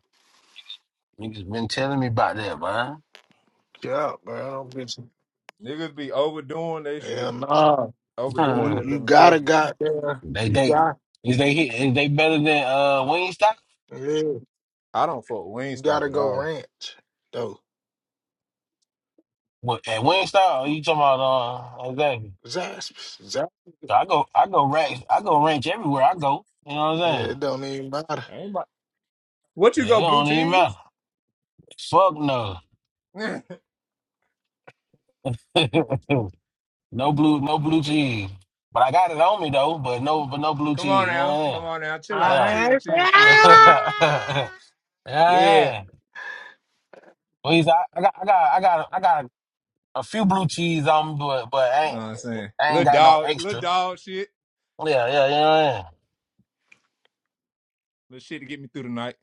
[SPEAKER 2] Niggas been telling me about that, man.
[SPEAKER 4] Yeah, man, I don't bitch.
[SPEAKER 3] Niggas be overdoing they shit,
[SPEAKER 4] Hell nah. You,
[SPEAKER 3] overdoing
[SPEAKER 2] Uh,
[SPEAKER 3] that
[SPEAKER 4] you
[SPEAKER 3] lemon
[SPEAKER 4] gotta
[SPEAKER 3] pepper.
[SPEAKER 4] got
[SPEAKER 2] [LAUGHS]
[SPEAKER 4] there.
[SPEAKER 2] they
[SPEAKER 4] You
[SPEAKER 2] they
[SPEAKER 4] got
[SPEAKER 2] is they hit- is they better than uh Wingstop?
[SPEAKER 4] Yeah, you
[SPEAKER 3] I don't fuck with Wingstop
[SPEAKER 4] gotta
[SPEAKER 3] at
[SPEAKER 4] go
[SPEAKER 3] all.
[SPEAKER 4] ranch though.
[SPEAKER 2] What at Wingstop? Are you talking about uh exactly?
[SPEAKER 4] Zaspers, Zap.
[SPEAKER 2] So I go I go ranch I go ranch everywhere I go. You know what I'm
[SPEAKER 4] Yeah,
[SPEAKER 2] saying?
[SPEAKER 4] it don't even matter.
[SPEAKER 3] I ain't about- what you
[SPEAKER 2] Yeah, it
[SPEAKER 3] go blue
[SPEAKER 2] don't even matter.
[SPEAKER 3] cheese?
[SPEAKER 2] Fuck no.
[SPEAKER 3] [LAUGHS] come
[SPEAKER 2] [LAUGHS] no blue no blue cheese. But I got it on me though. But no but no blue
[SPEAKER 3] on
[SPEAKER 2] cheese. You
[SPEAKER 3] now,
[SPEAKER 2] know
[SPEAKER 3] come on now,
[SPEAKER 4] [LAUGHS]
[SPEAKER 3] chill
[SPEAKER 2] what
[SPEAKER 3] out,
[SPEAKER 2] I'm saying?
[SPEAKER 4] I
[SPEAKER 3] chill,
[SPEAKER 4] ain't-
[SPEAKER 3] chill, chill. We ain't need.
[SPEAKER 4] Ah!
[SPEAKER 2] Yeah. [LAUGHS]
[SPEAKER 3] Yeah,
[SPEAKER 2] yeah. Well, he's, I, I got, I got, I got, I got a few blue cheese on, me, but but I
[SPEAKER 3] you know
[SPEAKER 2] ain't,
[SPEAKER 3] what I'm saying
[SPEAKER 2] I ain't
[SPEAKER 3] little
[SPEAKER 2] got no
[SPEAKER 3] dog, little
[SPEAKER 2] extra.
[SPEAKER 3] dog shit,
[SPEAKER 2] Yeah, yeah, yeah,
[SPEAKER 3] little shit to get me through the night.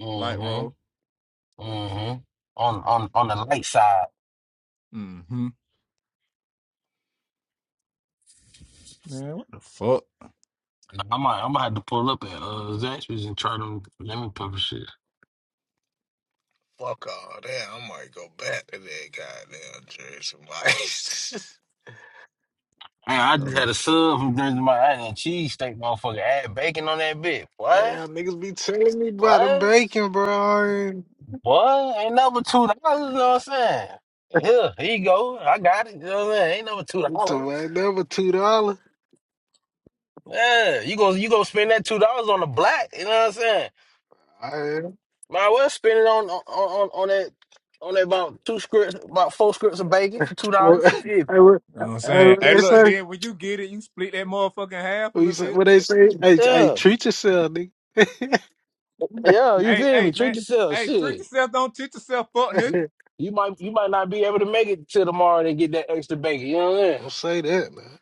[SPEAKER 2] yeah.
[SPEAKER 3] Light roll.
[SPEAKER 2] Mm-hmm. Mm-hmm. On on on the light side.
[SPEAKER 3] Mm-hmm. Man, what the fuck?
[SPEAKER 2] Nah, I might, I might have to pull up at uh, Zaxby's and try them lemon pepper shit.
[SPEAKER 4] Fuck all that. I might go back to that goddamn Jersey Mike's.
[SPEAKER 2] Man, I
[SPEAKER 3] Oh. You
[SPEAKER 2] just had
[SPEAKER 3] know
[SPEAKER 2] a sub from Jersey my I had a cheese steak, motherfucker. Add bacon on that bitch.
[SPEAKER 4] [LAUGHS]
[SPEAKER 2] What?
[SPEAKER 4] Damn, niggas be telling me about the
[SPEAKER 2] What?
[SPEAKER 4] bacon, bro. I ain't
[SPEAKER 2] What? Ain't number two dollars. You know what I'm saying? Yeah, here you go. I got it. You know what I'm saying? Ain't number two
[SPEAKER 4] the
[SPEAKER 2] dollars.
[SPEAKER 4] fuck, that two dollar.
[SPEAKER 2] Yeah, you go you go spend that two dollars on the black. You know what I'm saying?
[SPEAKER 4] I am. [LAUGHS]
[SPEAKER 2] Might well spend it on on on, on that on that about two scripts, about four scripts of bacon for two
[SPEAKER 4] Hey,
[SPEAKER 2] dollars. You feel me?
[SPEAKER 4] what
[SPEAKER 3] what I'm
[SPEAKER 4] hey,
[SPEAKER 3] saying?
[SPEAKER 4] what
[SPEAKER 3] Hey,
[SPEAKER 4] they
[SPEAKER 3] look, and
[SPEAKER 4] say?
[SPEAKER 3] then when you get it, you split that motherfucking half a
[SPEAKER 4] What
[SPEAKER 3] little
[SPEAKER 4] you say?
[SPEAKER 3] bit.
[SPEAKER 4] What they say? Hey, hey,
[SPEAKER 2] Yeah,
[SPEAKER 4] treat yourself, nigga.
[SPEAKER 2] yeah. You
[SPEAKER 3] Hey,
[SPEAKER 2] feel me?
[SPEAKER 3] hey, man.
[SPEAKER 2] Treat yourself.
[SPEAKER 3] Hey, treat
[SPEAKER 2] Shit,
[SPEAKER 3] yourself, don't treat yourself, fuck nigga.
[SPEAKER 2] you you might you might not be able to make it till tomorrow to get that extra bacon. You know what I'm
[SPEAKER 4] Don't say that, man.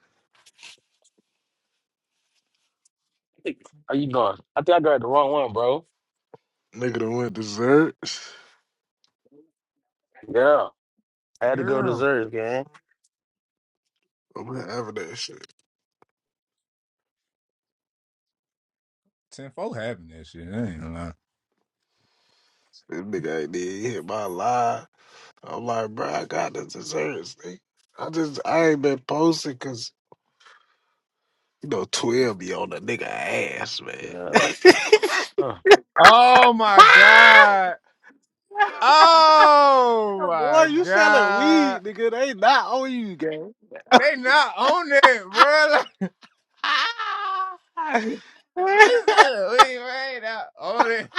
[SPEAKER 2] saying? How you doing? I think I grabbed the wrong one, bro.
[SPEAKER 4] Nigga done went desserts.
[SPEAKER 2] Yeah, I had to go to
[SPEAKER 3] Yeah.
[SPEAKER 2] Zurich, gang.
[SPEAKER 4] I'm having that shit.
[SPEAKER 3] Ten four having that shit. I ain't gonna lie.
[SPEAKER 4] This nigga ain't even hit my line. I'm like, bro, I got this dessert. nigga. I just, I ain't been posting because, you know, 12 be on the nigga ass, man.
[SPEAKER 2] Yeah,
[SPEAKER 4] [LAUGHS]
[SPEAKER 2] uh,
[SPEAKER 3] Oh my
[SPEAKER 4] Ah!
[SPEAKER 3] god. Oh
[SPEAKER 4] [LAUGHS] Boy,
[SPEAKER 3] my
[SPEAKER 4] you selling
[SPEAKER 3] god.
[SPEAKER 4] weed, nigga. They not on you, gang.
[SPEAKER 3] They not on that, bro. [LAUGHS]
[SPEAKER 4] Ah! [LAUGHS] I
[SPEAKER 3] It's that weed right now. On that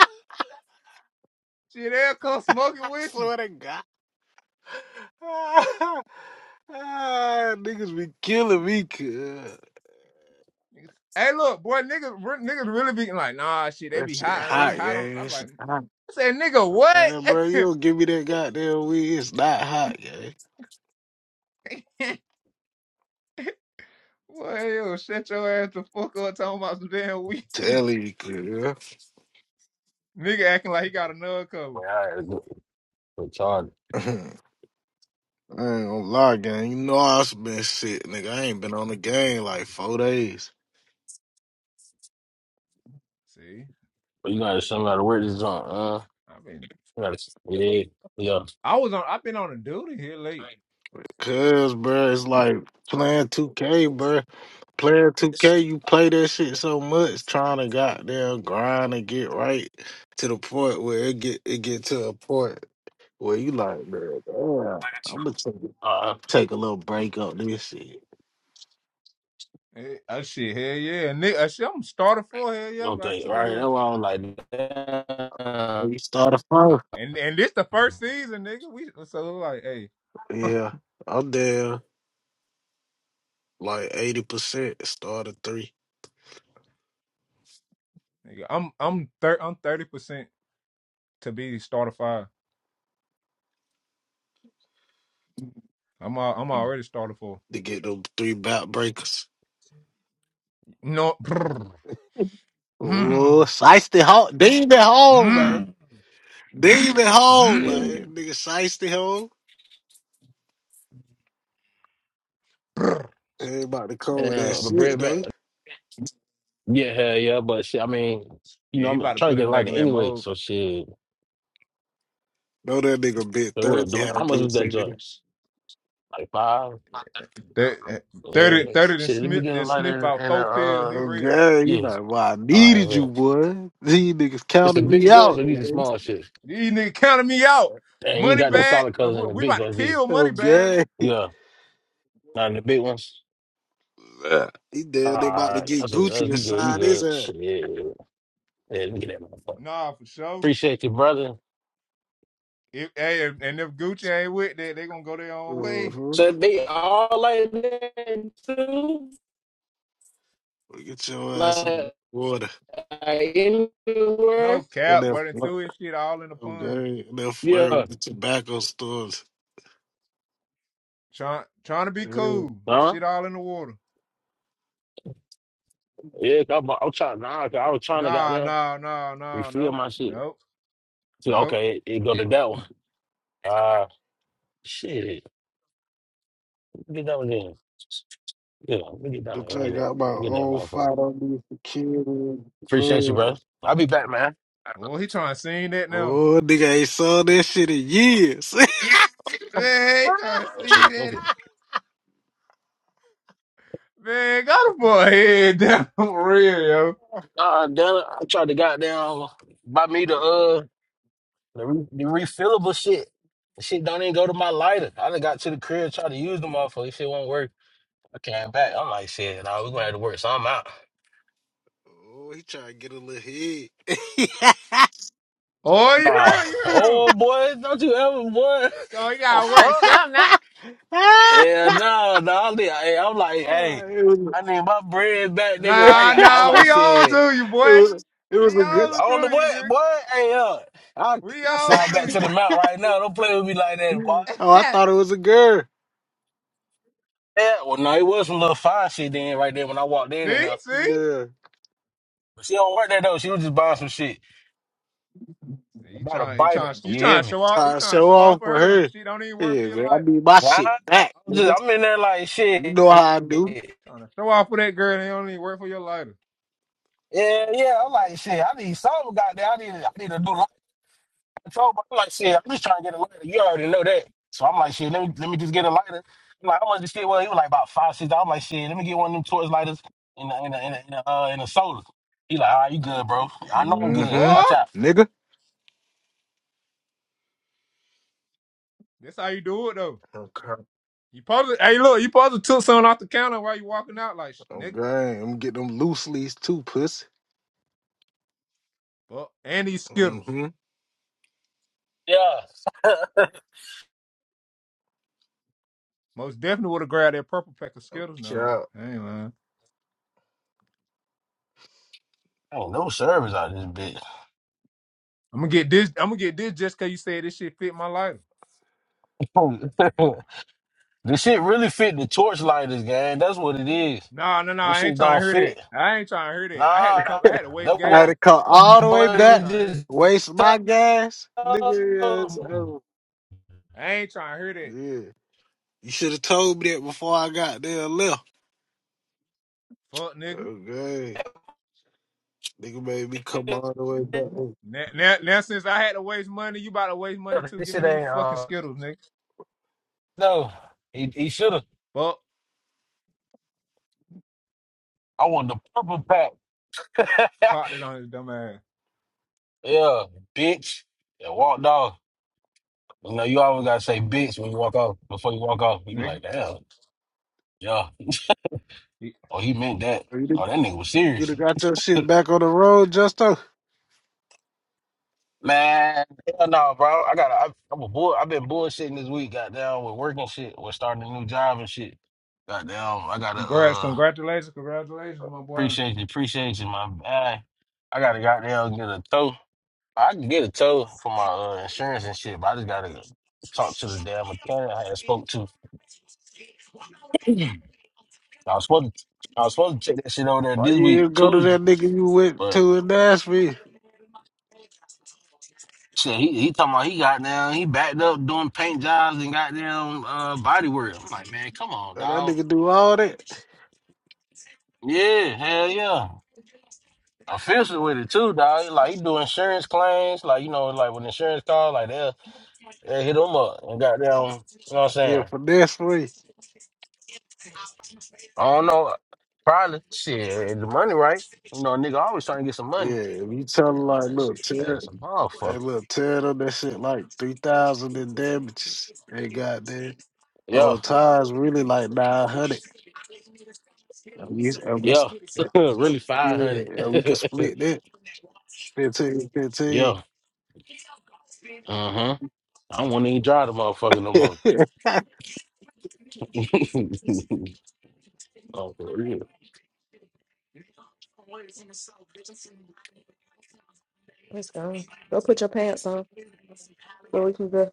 [SPEAKER 3] Shit, they'll come smoking with you.
[SPEAKER 4] swear to God. [LAUGHS] ah, niggas be killing me, cuz.
[SPEAKER 3] Hey, look, boy, niggas, niggas really be like, nah, shit, they
[SPEAKER 4] That
[SPEAKER 3] be
[SPEAKER 4] shit
[SPEAKER 3] hot, they be
[SPEAKER 4] hot,
[SPEAKER 3] hot on.
[SPEAKER 4] gang.
[SPEAKER 3] I'm
[SPEAKER 4] That
[SPEAKER 3] like,
[SPEAKER 4] shit hot.
[SPEAKER 3] I said, nigga, what?
[SPEAKER 4] Man, bro, you don't give me that goddamn weed. It's not hot, gang.
[SPEAKER 3] [LAUGHS] Boy, yo, shut your ass the fuck up talking about some damn weed.
[SPEAKER 4] Tell you, girl.
[SPEAKER 3] Nigga acting like he got another cover.
[SPEAKER 2] man, I had to go go charge.
[SPEAKER 4] [LAUGHS] I ain't gonna lie, gang. You know I have been sick, nigga. I ain't been on the game like four days.
[SPEAKER 3] See?
[SPEAKER 2] But you gotta show me how to work this on, huh?
[SPEAKER 3] I mean,
[SPEAKER 2] You gotta, yeah, yeah.
[SPEAKER 3] I was on. I've been on a duty here late.
[SPEAKER 4] Cause, bro, it's like playing 2K, bro. Playing 2K, you play that shit so much, trying to goddamn grind and get right to the point where it get it get to a point where you like, bro, damn, I'm gonna take,
[SPEAKER 2] Uh,
[SPEAKER 4] take a little break up this shit.
[SPEAKER 3] Eh, Oh shit, hell yeah, and nigga, uh, shit, I'm started for hell yeah.
[SPEAKER 2] don't
[SPEAKER 3] I
[SPEAKER 2] think
[SPEAKER 3] took a
[SPEAKER 2] right. That's
[SPEAKER 3] little,
[SPEAKER 2] why I was like,
[SPEAKER 4] Oh,
[SPEAKER 2] damn.
[SPEAKER 4] you start a fight?
[SPEAKER 3] and and this the first season, nigga. We so like, hey, [LAUGHS]
[SPEAKER 4] Yeah, I'm down like eighty percent. Start a three
[SPEAKER 3] nigga, I'm I'm thir- I'm thirty percent to be starter five. I'm al- I'm
[SPEAKER 4] to
[SPEAKER 3] already starter four.
[SPEAKER 4] get them three back breakers.
[SPEAKER 3] No, [LAUGHS] [GRUNTS]
[SPEAKER 4] Oh,
[SPEAKER 3] Mm.
[SPEAKER 4] Shiesty home, demon home, man,
[SPEAKER 3] Mm.
[SPEAKER 4] demon home, man,
[SPEAKER 3] Mm.
[SPEAKER 4] nigga Shiesty home. Ain't about to come with that
[SPEAKER 2] Yeah, the
[SPEAKER 4] shit
[SPEAKER 2] bread back.
[SPEAKER 4] though.
[SPEAKER 2] Yeah, hell yeah, but shit, I mean, you
[SPEAKER 3] yeah,
[SPEAKER 2] know,
[SPEAKER 3] he
[SPEAKER 2] I'm
[SPEAKER 3] about to
[SPEAKER 2] trying to
[SPEAKER 3] put us
[SPEAKER 2] get
[SPEAKER 3] back
[SPEAKER 2] lighter
[SPEAKER 3] in that
[SPEAKER 2] anyway,
[SPEAKER 3] mode.
[SPEAKER 2] so shit.
[SPEAKER 4] Know that nigga bit
[SPEAKER 2] But what,
[SPEAKER 4] thirty
[SPEAKER 2] the, how much
[SPEAKER 4] happy.
[SPEAKER 2] was that
[SPEAKER 4] nigga.
[SPEAKER 2] joint? Like five?
[SPEAKER 3] That, that thirty
[SPEAKER 2] Yeah.
[SPEAKER 3] thirty then
[SPEAKER 2] Shit, let me
[SPEAKER 3] sniff
[SPEAKER 2] get a
[SPEAKER 3] then sniff
[SPEAKER 2] lighter
[SPEAKER 3] about
[SPEAKER 2] and a,
[SPEAKER 3] four pills.
[SPEAKER 2] uh,
[SPEAKER 3] He ready.
[SPEAKER 4] Okay, you
[SPEAKER 2] yeah.
[SPEAKER 4] know why I
[SPEAKER 2] Uh,
[SPEAKER 4] needed you,
[SPEAKER 2] man.
[SPEAKER 4] boy. These niggas
[SPEAKER 2] It's the
[SPEAKER 4] counted me
[SPEAKER 2] big joint,
[SPEAKER 4] out.
[SPEAKER 2] but these are
[SPEAKER 4] man.
[SPEAKER 2] small shit.
[SPEAKER 3] These nigga counting me out.
[SPEAKER 2] And you ain't
[SPEAKER 3] Money
[SPEAKER 2] got the
[SPEAKER 3] bag.
[SPEAKER 2] solid
[SPEAKER 3] We
[SPEAKER 2] colors in the
[SPEAKER 3] we
[SPEAKER 2] big
[SPEAKER 3] about to
[SPEAKER 2] joint, do you?
[SPEAKER 3] kill money bag.
[SPEAKER 4] Okay,
[SPEAKER 2] Yeah, not in the big ones.
[SPEAKER 4] Yeah. he damn they about to
[SPEAKER 2] Alright,
[SPEAKER 4] get
[SPEAKER 2] that's, what-
[SPEAKER 4] Gucci
[SPEAKER 2] that's
[SPEAKER 4] and
[SPEAKER 2] you good, you
[SPEAKER 4] sign his
[SPEAKER 2] good.
[SPEAKER 4] ass.
[SPEAKER 2] Shit, yeah, yeah, let me get that motherfucker.
[SPEAKER 3] Nah, for sure.
[SPEAKER 2] Appreciate you, brother.
[SPEAKER 3] If hey, if- and if Gucci ain't with that, they gonna go their own way.
[SPEAKER 4] Mm-hmm.
[SPEAKER 2] So they all like that too,
[SPEAKER 4] Well, Get your ass out of that
[SPEAKER 2] like,
[SPEAKER 4] water.
[SPEAKER 2] like
[SPEAKER 3] No
[SPEAKER 2] anywhere.
[SPEAKER 4] Get
[SPEAKER 3] cap,
[SPEAKER 4] that
[SPEAKER 3] but and
[SPEAKER 4] flirt,
[SPEAKER 3] threw his shit all in the pond.
[SPEAKER 4] okay? And That flirt
[SPEAKER 2] Yeah,
[SPEAKER 4] with the tobacco stores.
[SPEAKER 3] Trying trying to be
[SPEAKER 4] Yeah.
[SPEAKER 3] cool.
[SPEAKER 2] huh?
[SPEAKER 3] Shit all in the water.
[SPEAKER 2] Yeah, I'm, I'm trying. Nah, 'cause I was trying to
[SPEAKER 3] Nah,
[SPEAKER 2] goddamn
[SPEAKER 3] nah, nah, nah,
[SPEAKER 2] refill
[SPEAKER 3] nope,
[SPEAKER 2] my shit.
[SPEAKER 3] nope,
[SPEAKER 2] So
[SPEAKER 3] nope.
[SPEAKER 2] okay, it, it go to that one. Uh shit. Let me Get that one then. Yeah, let me get
[SPEAKER 4] The
[SPEAKER 2] that one. Yeah,
[SPEAKER 4] thing
[SPEAKER 2] yeah.
[SPEAKER 4] got
[SPEAKER 2] Let
[SPEAKER 4] my
[SPEAKER 2] me Get that
[SPEAKER 4] own fight
[SPEAKER 2] motherfucker.
[SPEAKER 4] on these security
[SPEAKER 2] Appreciate you, brother.
[SPEAKER 4] clubs.
[SPEAKER 2] I'll be back, man.
[SPEAKER 3] Oh, he trying to sing that now.
[SPEAKER 4] Oh, nigga ain't saw that shit in years. [LAUGHS]
[SPEAKER 3] Man, he trying to
[SPEAKER 2] Oh
[SPEAKER 3] sing
[SPEAKER 2] shit. Okay.
[SPEAKER 3] that. Man, got a boy head down [LAUGHS] for real, yo.
[SPEAKER 2] Uh, Dana, I tried to goddamn buy me the uh. The, re- the refillable shit, the shit don't even go to my lighter. I done got to the crib, tried to use the motherfucker. This shit won't work. I came back. I'm like, shit, nah, we gonna have to work something out.
[SPEAKER 4] oh, he trying to get a little head. [LAUGHS]
[SPEAKER 3] Oh, you
[SPEAKER 2] Nah.
[SPEAKER 3] heard, him, you heard. him.
[SPEAKER 2] Oh boy, don't you ever boy. [LAUGHS]
[SPEAKER 3] So you
[SPEAKER 2] Oh
[SPEAKER 3] gotta work
[SPEAKER 2] fuck.
[SPEAKER 3] something not.
[SPEAKER 2] Yeah, no, no, I'm, hey, I'm like, hey,
[SPEAKER 4] it, was, a,
[SPEAKER 2] I need my bread back, nigga. I
[SPEAKER 3] Nah,
[SPEAKER 2] got I'm
[SPEAKER 3] nah,
[SPEAKER 4] [LAUGHS]
[SPEAKER 2] like
[SPEAKER 3] we on
[SPEAKER 2] shit.
[SPEAKER 3] to you,
[SPEAKER 4] it
[SPEAKER 3] boy.
[SPEAKER 4] was it
[SPEAKER 3] We
[SPEAKER 4] was a
[SPEAKER 2] I
[SPEAKER 4] good.
[SPEAKER 3] on
[SPEAKER 2] don't know
[SPEAKER 3] to you.
[SPEAKER 2] what, boy? Hey uh, I
[SPEAKER 3] We
[SPEAKER 2] I
[SPEAKER 3] all
[SPEAKER 2] slide back
[SPEAKER 3] to
[SPEAKER 2] to
[SPEAKER 4] [LAUGHS]
[SPEAKER 3] you.
[SPEAKER 2] the mount right now. Don't play with me like that, boy.
[SPEAKER 3] [LAUGHS]
[SPEAKER 4] oh, I thought it was a girl.
[SPEAKER 2] Yeah, well no, it was some little fine shit then right there when I walked in and uh.
[SPEAKER 3] see, see,
[SPEAKER 4] Yeah.
[SPEAKER 2] She don't work there though. She was just buying some shit.
[SPEAKER 3] you
[SPEAKER 2] About a
[SPEAKER 3] trying, you
[SPEAKER 2] biter.
[SPEAKER 3] trying, you
[SPEAKER 2] You
[SPEAKER 3] trying
[SPEAKER 2] hear
[SPEAKER 3] to
[SPEAKER 2] me?
[SPEAKER 3] show off, you
[SPEAKER 4] Trying to
[SPEAKER 3] trying to
[SPEAKER 4] show
[SPEAKER 3] show off
[SPEAKER 4] off
[SPEAKER 3] for
[SPEAKER 4] for
[SPEAKER 3] her, and
[SPEAKER 4] her.
[SPEAKER 3] she don't even work for
[SPEAKER 4] Yeah,
[SPEAKER 3] your
[SPEAKER 4] man. I
[SPEAKER 3] lighter.
[SPEAKER 4] need my
[SPEAKER 2] Yeah,
[SPEAKER 4] shit
[SPEAKER 2] I-
[SPEAKER 4] back,
[SPEAKER 2] I'm just
[SPEAKER 4] nigga.
[SPEAKER 2] I'm in there like
[SPEAKER 4] You
[SPEAKER 2] shit.
[SPEAKER 4] know
[SPEAKER 2] Yeah,
[SPEAKER 4] how I do.
[SPEAKER 3] Trying to show off for that girl, and they don't even work for your lighter.
[SPEAKER 2] yeah. I'm like shit. I need something goddamn. I need I need to do light control. But I'm like shit. I'm just trying to get a lighter. You already know that. So I'm like shit. Let me let me just get a lighter. I'm like I want this shit. Well, he was like about five six. I'm like shit. Let me get one of them torch lighters in a, in a, in a, in a, uh, in a solar. He like, all right, you good, bro? I know I'm good. Watch
[SPEAKER 3] Oh,
[SPEAKER 2] out.
[SPEAKER 4] Mm-hmm. Nigga.
[SPEAKER 3] that's how you do it though.
[SPEAKER 4] Okay.
[SPEAKER 3] You probably, hey, look, you probably took something off the counter while you walking out, like nigga.
[SPEAKER 4] Okay. I'm getting them loose leaves too, pussy.
[SPEAKER 3] But and these Skittles,
[SPEAKER 4] Mm-hmm.
[SPEAKER 2] Yeah.
[SPEAKER 3] most definitely would have grabbed that purple pack of Skittles. No,
[SPEAKER 4] Okay.
[SPEAKER 3] hey man,
[SPEAKER 2] Ain't no service out of this
[SPEAKER 3] I'm gonna get this. I'm gonna get this just cause you said this shit fit my lighter.
[SPEAKER 2] bitch. [LAUGHS] This shit really fit the torchlighters, gang. That's what it is.
[SPEAKER 3] No, no, no,
[SPEAKER 2] Them
[SPEAKER 3] I ain't
[SPEAKER 2] shit
[SPEAKER 3] trying to
[SPEAKER 2] don't
[SPEAKER 3] hear
[SPEAKER 2] fit.
[SPEAKER 3] that. I ain't trying to hear that. I had to
[SPEAKER 2] Nah,
[SPEAKER 3] come. I had to waste
[SPEAKER 2] that
[SPEAKER 4] I had
[SPEAKER 2] what
[SPEAKER 3] gas.
[SPEAKER 4] to come all the way
[SPEAKER 3] I ain't
[SPEAKER 2] buddy
[SPEAKER 4] back,
[SPEAKER 3] trying to hear that.
[SPEAKER 2] just
[SPEAKER 4] waste my gas. Nigga, yes.
[SPEAKER 2] told
[SPEAKER 4] oh,
[SPEAKER 2] me.
[SPEAKER 3] I ain't trying to hear that.
[SPEAKER 4] yeah. You should have told me that before I got there and left.
[SPEAKER 3] Fuck nigga.
[SPEAKER 4] Okay. Nigga made me come all the way back. Oh,
[SPEAKER 3] Now, now, now since I had to waste money, you about to waste money too.
[SPEAKER 2] This
[SPEAKER 3] Give me
[SPEAKER 2] shit
[SPEAKER 3] these
[SPEAKER 2] ain't.
[SPEAKER 3] fucking
[SPEAKER 2] Uh,
[SPEAKER 3] Skittles, nigga.
[SPEAKER 2] no, he, he should have.
[SPEAKER 3] Fuck.
[SPEAKER 2] I want the purple pack. [LAUGHS]
[SPEAKER 3] Popped it on his dumb ass.
[SPEAKER 2] yeah, bitch. And walked off. You know, you always gotta say bitch when you walk off before you walk off. You be
[SPEAKER 3] Nigga.
[SPEAKER 2] like, damn, yeah.
[SPEAKER 3] He-
[SPEAKER 2] Oh, he meant that.
[SPEAKER 4] You done
[SPEAKER 2] Oh, that nigga was
[SPEAKER 4] you
[SPEAKER 2] serious.
[SPEAKER 4] done got your shit back on the road, Justo?
[SPEAKER 2] Man, hell no, bro. I got. to I'm a bull. I've been bullshitting this week. Goddamn, with working shit, with starting a new job and shit. Goddamn, I gotta
[SPEAKER 3] Congrats,
[SPEAKER 2] uh
[SPEAKER 3] congratulations, congratulations, my boy.
[SPEAKER 2] appreciate you, appreciate you, my man. I gotta goddamn get a tow. I can get a tow for my uh, insurance and shit, but I just gotta talk to the damn mechanic I had spoke to. I was supposed to, I was supposed to check that shit over there
[SPEAKER 4] Why
[SPEAKER 2] this
[SPEAKER 4] you
[SPEAKER 2] week
[SPEAKER 4] even go to
[SPEAKER 2] Tuesday,
[SPEAKER 4] that nigga you went
[SPEAKER 2] but
[SPEAKER 4] to in Nashville?
[SPEAKER 2] shit, he he talking about he got down, he backed up doing paint jobs and goddamn uh body work. I'm like, man, come on,
[SPEAKER 4] Now That
[SPEAKER 2] dog.
[SPEAKER 4] nigga do all that.
[SPEAKER 2] Yeah, hell yeah. Official with it too, dog. Like he do insurance claims, like you know, like when insurance call, like they'll, they'll hit him up and goddamn, you know what I'm
[SPEAKER 4] Yeah,
[SPEAKER 2] saying?
[SPEAKER 4] for next
[SPEAKER 2] I don't know. Probably shit, if the money right. You know, a nigga always trying to get some
[SPEAKER 4] Yeah,
[SPEAKER 2] money.
[SPEAKER 4] if you tell
[SPEAKER 2] Damn,
[SPEAKER 4] him like,
[SPEAKER 2] that shit
[SPEAKER 4] look,
[SPEAKER 2] fat
[SPEAKER 4] tear,
[SPEAKER 2] as a motherfucker.
[SPEAKER 4] hey, look, tear it up that shit like three thousand in damages. They got there.
[SPEAKER 2] Yeah,
[SPEAKER 4] Whole time's really like nine hundred. And we, and we,
[SPEAKER 2] yeah. [LAUGHS] really
[SPEAKER 4] yeah,
[SPEAKER 2] five hundred.
[SPEAKER 4] and we can
[SPEAKER 2] [LAUGHS]
[SPEAKER 4] split that fifteen, fifteen.
[SPEAKER 2] yeah. Uh-huh. I don't wanna even drive the motherfucker no more.
[SPEAKER 4] [LAUGHS]
[SPEAKER 2] [LAUGHS] oh, for real.
[SPEAKER 1] Let's go. Go put your pants on so we can go.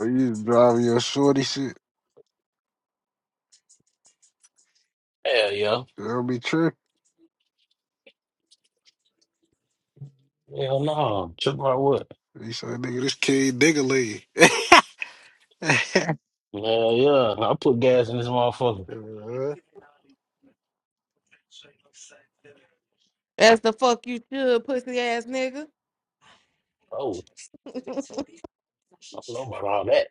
[SPEAKER 4] Or you driving your shorty shit.
[SPEAKER 2] Hell yeah.
[SPEAKER 4] That'll be tripping.
[SPEAKER 2] Hell no. Trip my what?
[SPEAKER 4] You say, nigga, this kid nigga
[SPEAKER 2] Yeah, yeah. I put gas in this motherfucker.
[SPEAKER 4] lead. [LAUGHS]
[SPEAKER 1] As the fuck you should, pussy ass nigga.
[SPEAKER 2] Oh,
[SPEAKER 1] [LAUGHS]
[SPEAKER 2] I don't know about all that.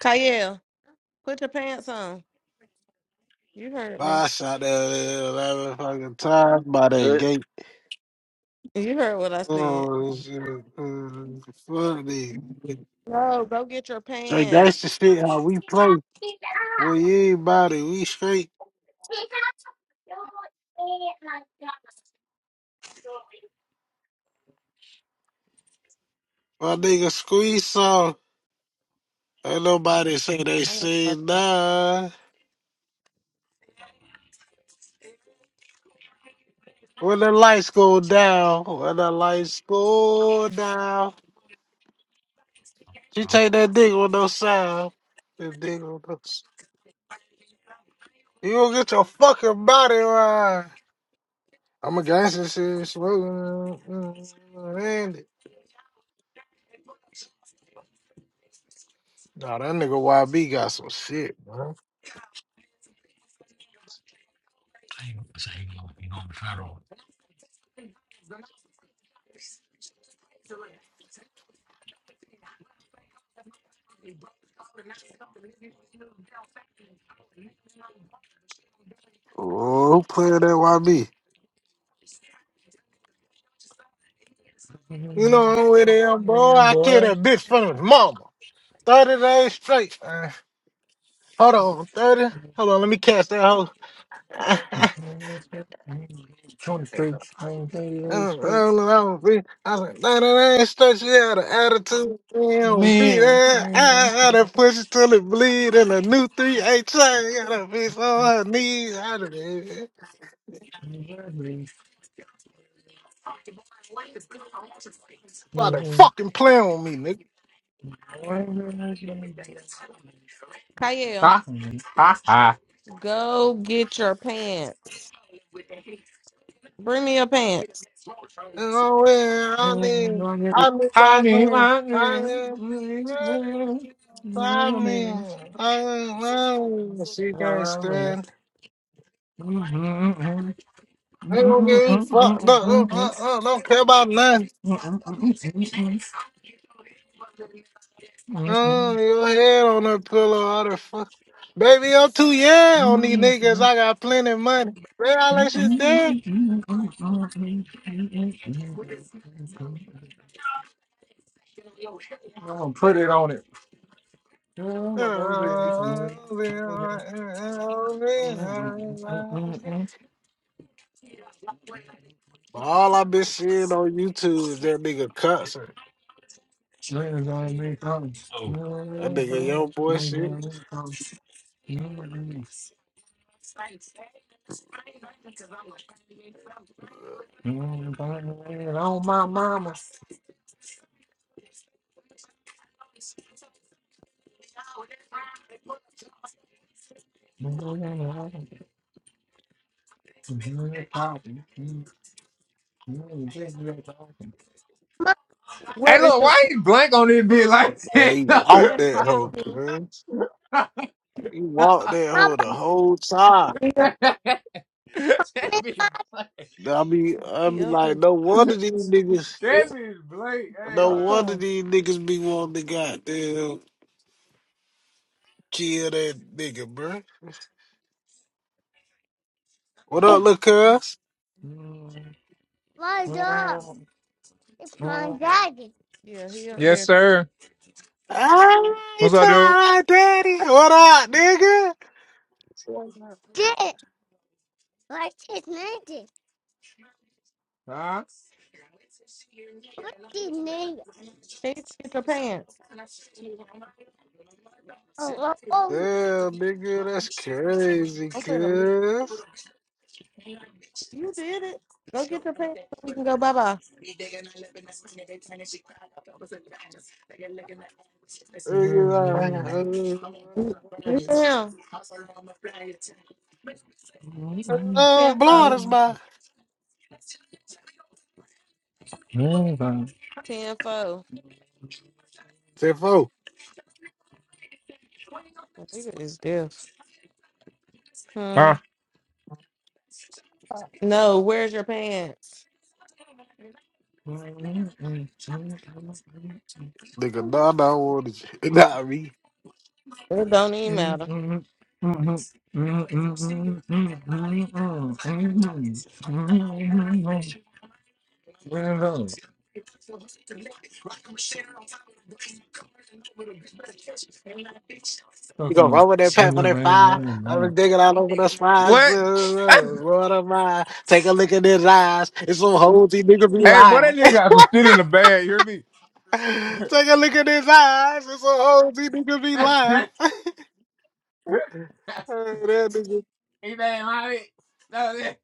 [SPEAKER 1] Kyle, put your pants on. You heard me.
[SPEAKER 4] I shot that eleven fucking times by that
[SPEAKER 2] Good.
[SPEAKER 4] gate.
[SPEAKER 1] You heard what I said.
[SPEAKER 4] Oh shit! Mm,
[SPEAKER 2] [LAUGHS]
[SPEAKER 4] Fuck this.
[SPEAKER 1] No, go get your
[SPEAKER 4] Straight gangster
[SPEAKER 1] pants.
[SPEAKER 4] shit. How we play? Well, anybody we straight. My nigga squeeze song. Ain't nobody say they
[SPEAKER 1] I don't know.
[SPEAKER 4] seen nah. When the lights go down, when the lights go down, she take that dick with no sound. That dick with no. s- You gonna get your fucking body right. I'm a gangster shit. Smoking. Randy. Nah, that nigga YB got some shit, man. Oh, who played that YB? You
[SPEAKER 3] Mm,
[SPEAKER 4] know I'm with him, boy. I killed
[SPEAKER 3] Boy,
[SPEAKER 4] that bitch from his mama. 30 days straight. man. hold on, 30. Hold on, let me catch that hoe. [LAUGHS]
[SPEAKER 3] Twenty streets, I ain't thirty
[SPEAKER 4] I
[SPEAKER 3] eight
[SPEAKER 4] don't
[SPEAKER 3] streets.
[SPEAKER 4] know, I was I was like, 30 days straight. She had an attitude. You know, beat
[SPEAKER 3] Man.
[SPEAKER 4] that. I had to push it till it bleed. And a new 3 8 train. Got that bitch on her knees. started fucking playing with me, nigga.
[SPEAKER 1] Kyle,
[SPEAKER 3] Ha ha ha,
[SPEAKER 1] go get your pants. Bring me your pants.
[SPEAKER 4] And oh, yeah,
[SPEAKER 3] I'm
[SPEAKER 4] I
[SPEAKER 3] need my
[SPEAKER 4] mean, I mean, I
[SPEAKER 3] name.
[SPEAKER 4] mean, I
[SPEAKER 3] i
[SPEAKER 4] mean, I mean, I mean, I mean, I mean, she can't stand. I ain't gonna get you fucked up. Uh, uh, uh, don't care about nothing. Uh, your head on the pillow, all the fuck. Baby, I'm too young on these niggas. I got plenty of money. Man, all that shit dead.
[SPEAKER 3] gonna put it on it.
[SPEAKER 4] Uh, uh, uh, uh, uh, uh, uh, uh, uh, But all i been seeing on YouTube is that nigga Cutson.
[SPEAKER 2] Oh,
[SPEAKER 4] That nigga young boy shit.
[SPEAKER 3] Yes. Mm, baby, On my mama's. Hey,
[SPEAKER 1] Mom. Where is
[SPEAKER 3] look,
[SPEAKER 1] your
[SPEAKER 3] why you blank on this bitch like
[SPEAKER 4] Man,
[SPEAKER 3] that?
[SPEAKER 4] he
[SPEAKER 3] [LAUGHS]
[SPEAKER 4] walked
[SPEAKER 1] pants?
[SPEAKER 4] that
[SPEAKER 1] He up
[SPEAKER 4] hoe,
[SPEAKER 1] here.
[SPEAKER 4] cuz.
[SPEAKER 3] that
[SPEAKER 4] He walked that
[SPEAKER 1] Mom.
[SPEAKER 4] hoe the whole time.
[SPEAKER 1] He up,
[SPEAKER 3] bitch blank.
[SPEAKER 4] I mean, I
[SPEAKER 1] he
[SPEAKER 4] mean,
[SPEAKER 1] up
[SPEAKER 4] like,
[SPEAKER 1] here.
[SPEAKER 4] no wonder these niggas,
[SPEAKER 3] That bitch blank. Hey,
[SPEAKER 4] no
[SPEAKER 1] Talk to
[SPEAKER 4] wonder
[SPEAKER 1] him.
[SPEAKER 4] these niggas be wanting to goddamn kill that nigga, bruh. What up, look cuz?
[SPEAKER 3] man.
[SPEAKER 1] My dog. It's my daddy. Yeah, he up
[SPEAKER 3] Yes,
[SPEAKER 1] there.
[SPEAKER 3] sir.
[SPEAKER 4] Ah,
[SPEAKER 3] What's
[SPEAKER 4] it's
[SPEAKER 3] up, dude?
[SPEAKER 4] alright, daddy. What up, nigga? What up?
[SPEAKER 1] Dad, like his name.
[SPEAKER 3] Huh?
[SPEAKER 1] What the nigga? Hey, get your pants. Oh, oh,
[SPEAKER 4] Damn, nigga, that's crazy,
[SPEAKER 1] I'm finna leave.
[SPEAKER 4] cuz.
[SPEAKER 1] You did it. Go get your pants so we can go bye bye.
[SPEAKER 4] Oh,
[SPEAKER 1] Yeah. 10
[SPEAKER 4] blowing
[SPEAKER 1] 4.
[SPEAKER 4] us by.
[SPEAKER 1] 10 4. The
[SPEAKER 4] Ten four.
[SPEAKER 1] nigga is deaf. Hmm. oh. No, where's your pants?
[SPEAKER 3] Huh?
[SPEAKER 4] Nigga, nah, nah, I want it. [LAUGHS] Not me.
[SPEAKER 1] It don't even
[SPEAKER 3] What? Hey,
[SPEAKER 1] matter.
[SPEAKER 4] You gonna run with that pack for that five? I been digging all over the spine. Lord of mine. Take a look at his eyes. It's some hoes he nigga be
[SPEAKER 3] boy,
[SPEAKER 4] lying.
[SPEAKER 3] that
[SPEAKER 4] [LAUGHS]
[SPEAKER 3] nigga got some shit in the bag. You hear me? [LAUGHS]
[SPEAKER 4] Take a look at his eyes. It's some hoes he nigga be lying. [LAUGHS] Hey, that nigga.
[SPEAKER 3] he ain't lying. No, that,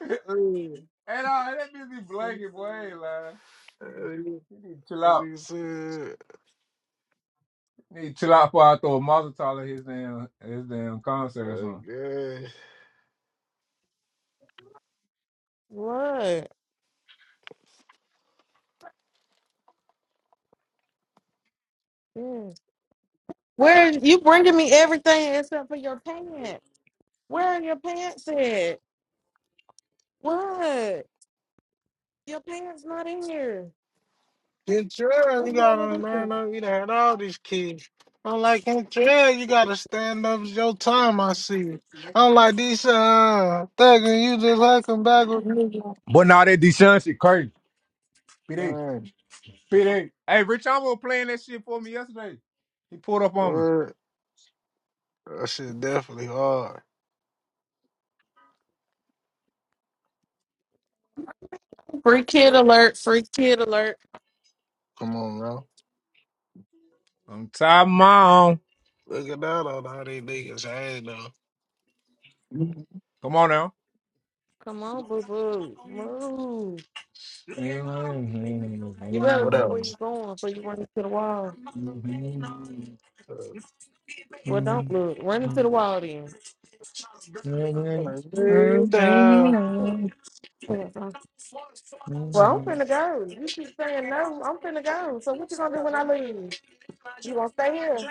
[SPEAKER 3] [LAUGHS]
[SPEAKER 4] Hey,
[SPEAKER 3] and all that bitch be blanket, boy. I ain't lying.
[SPEAKER 4] hey,
[SPEAKER 3] You need to chill out.
[SPEAKER 4] hey, he said,
[SPEAKER 3] Need to chill out before I throw a Mazel Tov at his damn his damn concert or something.
[SPEAKER 4] okay.
[SPEAKER 1] What? Yeah. Where you bringing me everything except for your pants? Where are your pants at? What? Your pants not in here.
[SPEAKER 4] Get your you
[SPEAKER 1] What's wrong with
[SPEAKER 4] gotta
[SPEAKER 1] this?
[SPEAKER 4] man up. You done had all these kids. I'm like Kentrell, you gotta stand up. It's your time. I see. I'm like these uh thugging. You just like them back with nigga.
[SPEAKER 3] But now that Deshaun shit crazy. PD,
[SPEAKER 4] Man,
[SPEAKER 3] PD. Hey, Rich Amo playing that shit for me yesterday. He pulled up on me.
[SPEAKER 4] word. That shit definitely hard.
[SPEAKER 1] Free kid alert, free kid alert.
[SPEAKER 4] Come on, bro.
[SPEAKER 3] I'm tired of my own.
[SPEAKER 4] Look at that on all these niggas. I ain't know.
[SPEAKER 3] Come on
[SPEAKER 1] Come on, boo boo. Move. You better
[SPEAKER 4] What
[SPEAKER 1] look where you're
[SPEAKER 4] else?
[SPEAKER 1] going before you run into the wall.
[SPEAKER 4] Uh,
[SPEAKER 1] Well, don't look. Run into the
[SPEAKER 3] now.
[SPEAKER 1] wall then.
[SPEAKER 4] like, baby,
[SPEAKER 3] Everything
[SPEAKER 4] down.
[SPEAKER 3] on.
[SPEAKER 1] Yeah, so- Well, I'm finna go. You keep saying no. I'm finna go. So what you gonna do when I leave? You gonna stay here?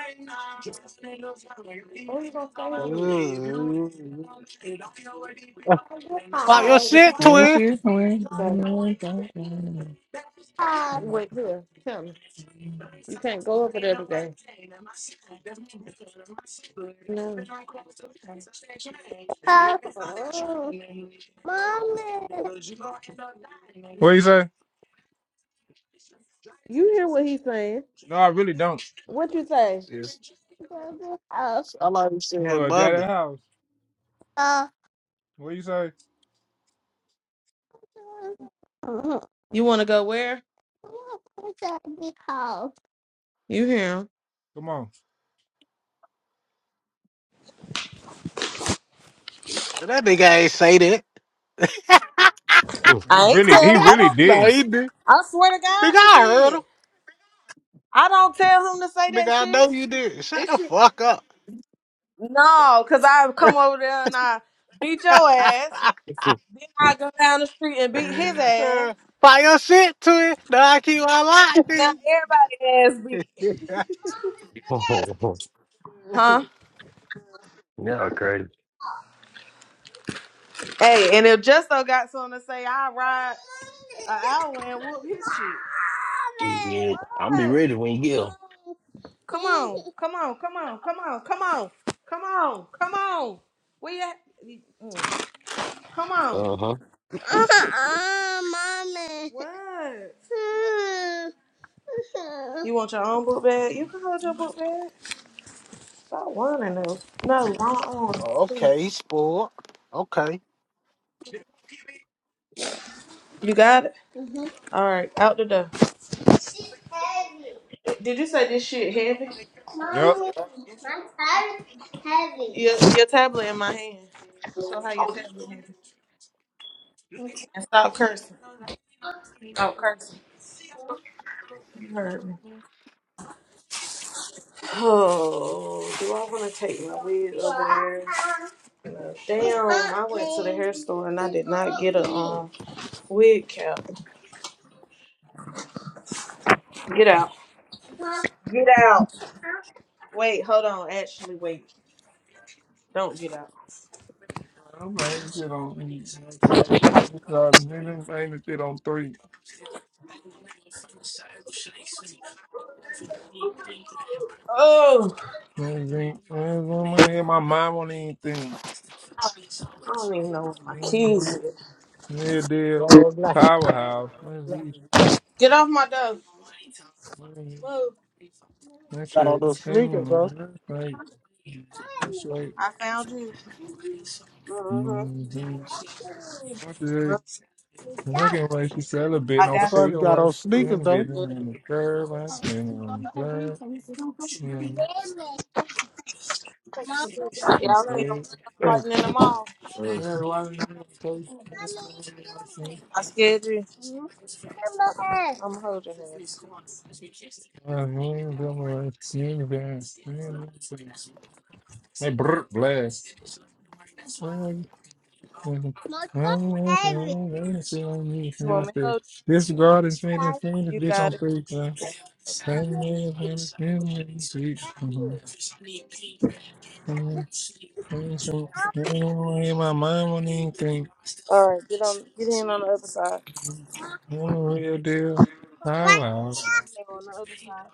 [SPEAKER 1] Who you gonna stay here with? I'll get
[SPEAKER 4] pop your
[SPEAKER 1] out. If you
[SPEAKER 4] shit,
[SPEAKER 1] can't go
[SPEAKER 3] What's
[SPEAKER 4] twin.
[SPEAKER 1] today. Out. Wait here. Tell me. You can't go over there today. No. Oh, Mommy.
[SPEAKER 3] What you say?
[SPEAKER 1] You hear what he's saying.
[SPEAKER 3] No, I really don't.
[SPEAKER 1] What you say?
[SPEAKER 4] Just- I like
[SPEAKER 3] I'm gonna go
[SPEAKER 4] saying,
[SPEAKER 3] to daddy's
[SPEAKER 4] "Bubby."
[SPEAKER 3] house. What you say?
[SPEAKER 1] You want to go where? You hear him.
[SPEAKER 3] Come on.
[SPEAKER 4] But that nigga ain't say that.
[SPEAKER 2] oh,
[SPEAKER 3] He
[SPEAKER 1] I ain't
[SPEAKER 3] really, he
[SPEAKER 1] tell. I
[SPEAKER 4] [LAUGHS]
[SPEAKER 3] really
[SPEAKER 1] don't.
[SPEAKER 4] no,
[SPEAKER 3] didn't.
[SPEAKER 4] he did.
[SPEAKER 1] I swear to God,
[SPEAKER 4] Nigga,
[SPEAKER 1] he
[SPEAKER 4] I heard
[SPEAKER 1] did.
[SPEAKER 4] him.
[SPEAKER 1] I don't tell him to say
[SPEAKER 4] Nigga,
[SPEAKER 1] that
[SPEAKER 4] I
[SPEAKER 1] shit.
[SPEAKER 4] know you did. Shut
[SPEAKER 1] This
[SPEAKER 4] the
[SPEAKER 1] shit.
[SPEAKER 4] fuck up.
[SPEAKER 1] No, cause I
[SPEAKER 4] [LAUGHS]
[SPEAKER 1] come over there and I beat your ass. I go down the street and beat his ass.
[SPEAKER 4] uh, fire your shit to it. No, I keep my light,
[SPEAKER 1] Now
[SPEAKER 4] nigga.
[SPEAKER 1] everybody ass beat,
[SPEAKER 4] [LAUGHS]
[SPEAKER 2] oh, oh, oh.
[SPEAKER 1] huh?
[SPEAKER 2] yeah, crazy.
[SPEAKER 1] Hey, and if Justo got something to say, I ride an hour and whoop his shit.
[SPEAKER 2] Yeah, i am be
[SPEAKER 1] What?
[SPEAKER 2] ready when you get.
[SPEAKER 1] Come on, [LAUGHS] come on, come on, come on, come on, come on, come on. Where you at? You- mm, Come on.
[SPEAKER 2] Uh huh.
[SPEAKER 1] Uh, mommy. What? [LAUGHS] You want your own book bag? You can hold your book bag. Stop wanting those. No, long arms. Here.
[SPEAKER 4] Okay, he spoiled. Okay.
[SPEAKER 1] You got it? Mm-hmm. All right, out the door. She's heavy. Did you say this shit heavy?
[SPEAKER 3] Yep.
[SPEAKER 1] Mommy, my tablet's heavy. Your, your tablet in my hand. So how your tablet heavy? And stop cursing. Stop cursing. You heard me. Oh, do I want to take my wig over there? No. Damn, I went to the hair store and I did not get a um wig cap. Get out. Get out. Wait, hold on. Actually, wait. Don't get out.
[SPEAKER 3] Uh, nigga, I ain't the shit on three. Niggas
[SPEAKER 1] Oh,
[SPEAKER 3] ain't- niggas don't wanna hear my mind on anything.
[SPEAKER 1] I don't even know where my keys
[SPEAKER 3] Mm,
[SPEAKER 1] is.
[SPEAKER 3] Yeah, dear.
[SPEAKER 4] Got on that-
[SPEAKER 3] Powerhouse. Man, he's-
[SPEAKER 1] Get off my door.
[SPEAKER 3] man,
[SPEAKER 1] Move.
[SPEAKER 3] That
[SPEAKER 4] got on
[SPEAKER 3] shit
[SPEAKER 4] those
[SPEAKER 3] came
[SPEAKER 4] sneakers, though.
[SPEAKER 3] in. That's right. That's right.
[SPEAKER 1] I found you. Mm-hmm.
[SPEAKER 3] Mm-hmm.
[SPEAKER 1] Well,
[SPEAKER 3] Fucking way she celebrating.
[SPEAKER 1] I
[SPEAKER 3] No
[SPEAKER 4] I
[SPEAKER 1] got
[SPEAKER 4] said, you
[SPEAKER 3] fucking
[SPEAKER 4] got
[SPEAKER 3] way.
[SPEAKER 4] on
[SPEAKER 3] She
[SPEAKER 4] sneakers,
[SPEAKER 3] ain't
[SPEAKER 4] though. [CLEARS THROAT]
[SPEAKER 1] you.
[SPEAKER 3] getting in the curve. I ain't getting on the curve. She ain't she
[SPEAKER 1] Y'all see them
[SPEAKER 3] stayed.
[SPEAKER 1] girls fighting in the mall?
[SPEAKER 4] Uh,
[SPEAKER 3] Yeah, why you in the place? Yeah, why you
[SPEAKER 1] I scared you. I'm gonna hold your hand.
[SPEAKER 3] in the place? She ain't been- she ain't been- Hey, brr, blast. This
[SPEAKER 1] You want me to hold
[SPEAKER 3] God is made a
[SPEAKER 1] you?
[SPEAKER 3] famous
[SPEAKER 1] You
[SPEAKER 3] bitch on
[SPEAKER 1] got it.
[SPEAKER 3] Facebook. In my mind, when you think
[SPEAKER 1] All right, get on, get in on the other side.
[SPEAKER 3] I'm a real deal, I
[SPEAKER 1] No,
[SPEAKER 3] was.
[SPEAKER 1] on the other side.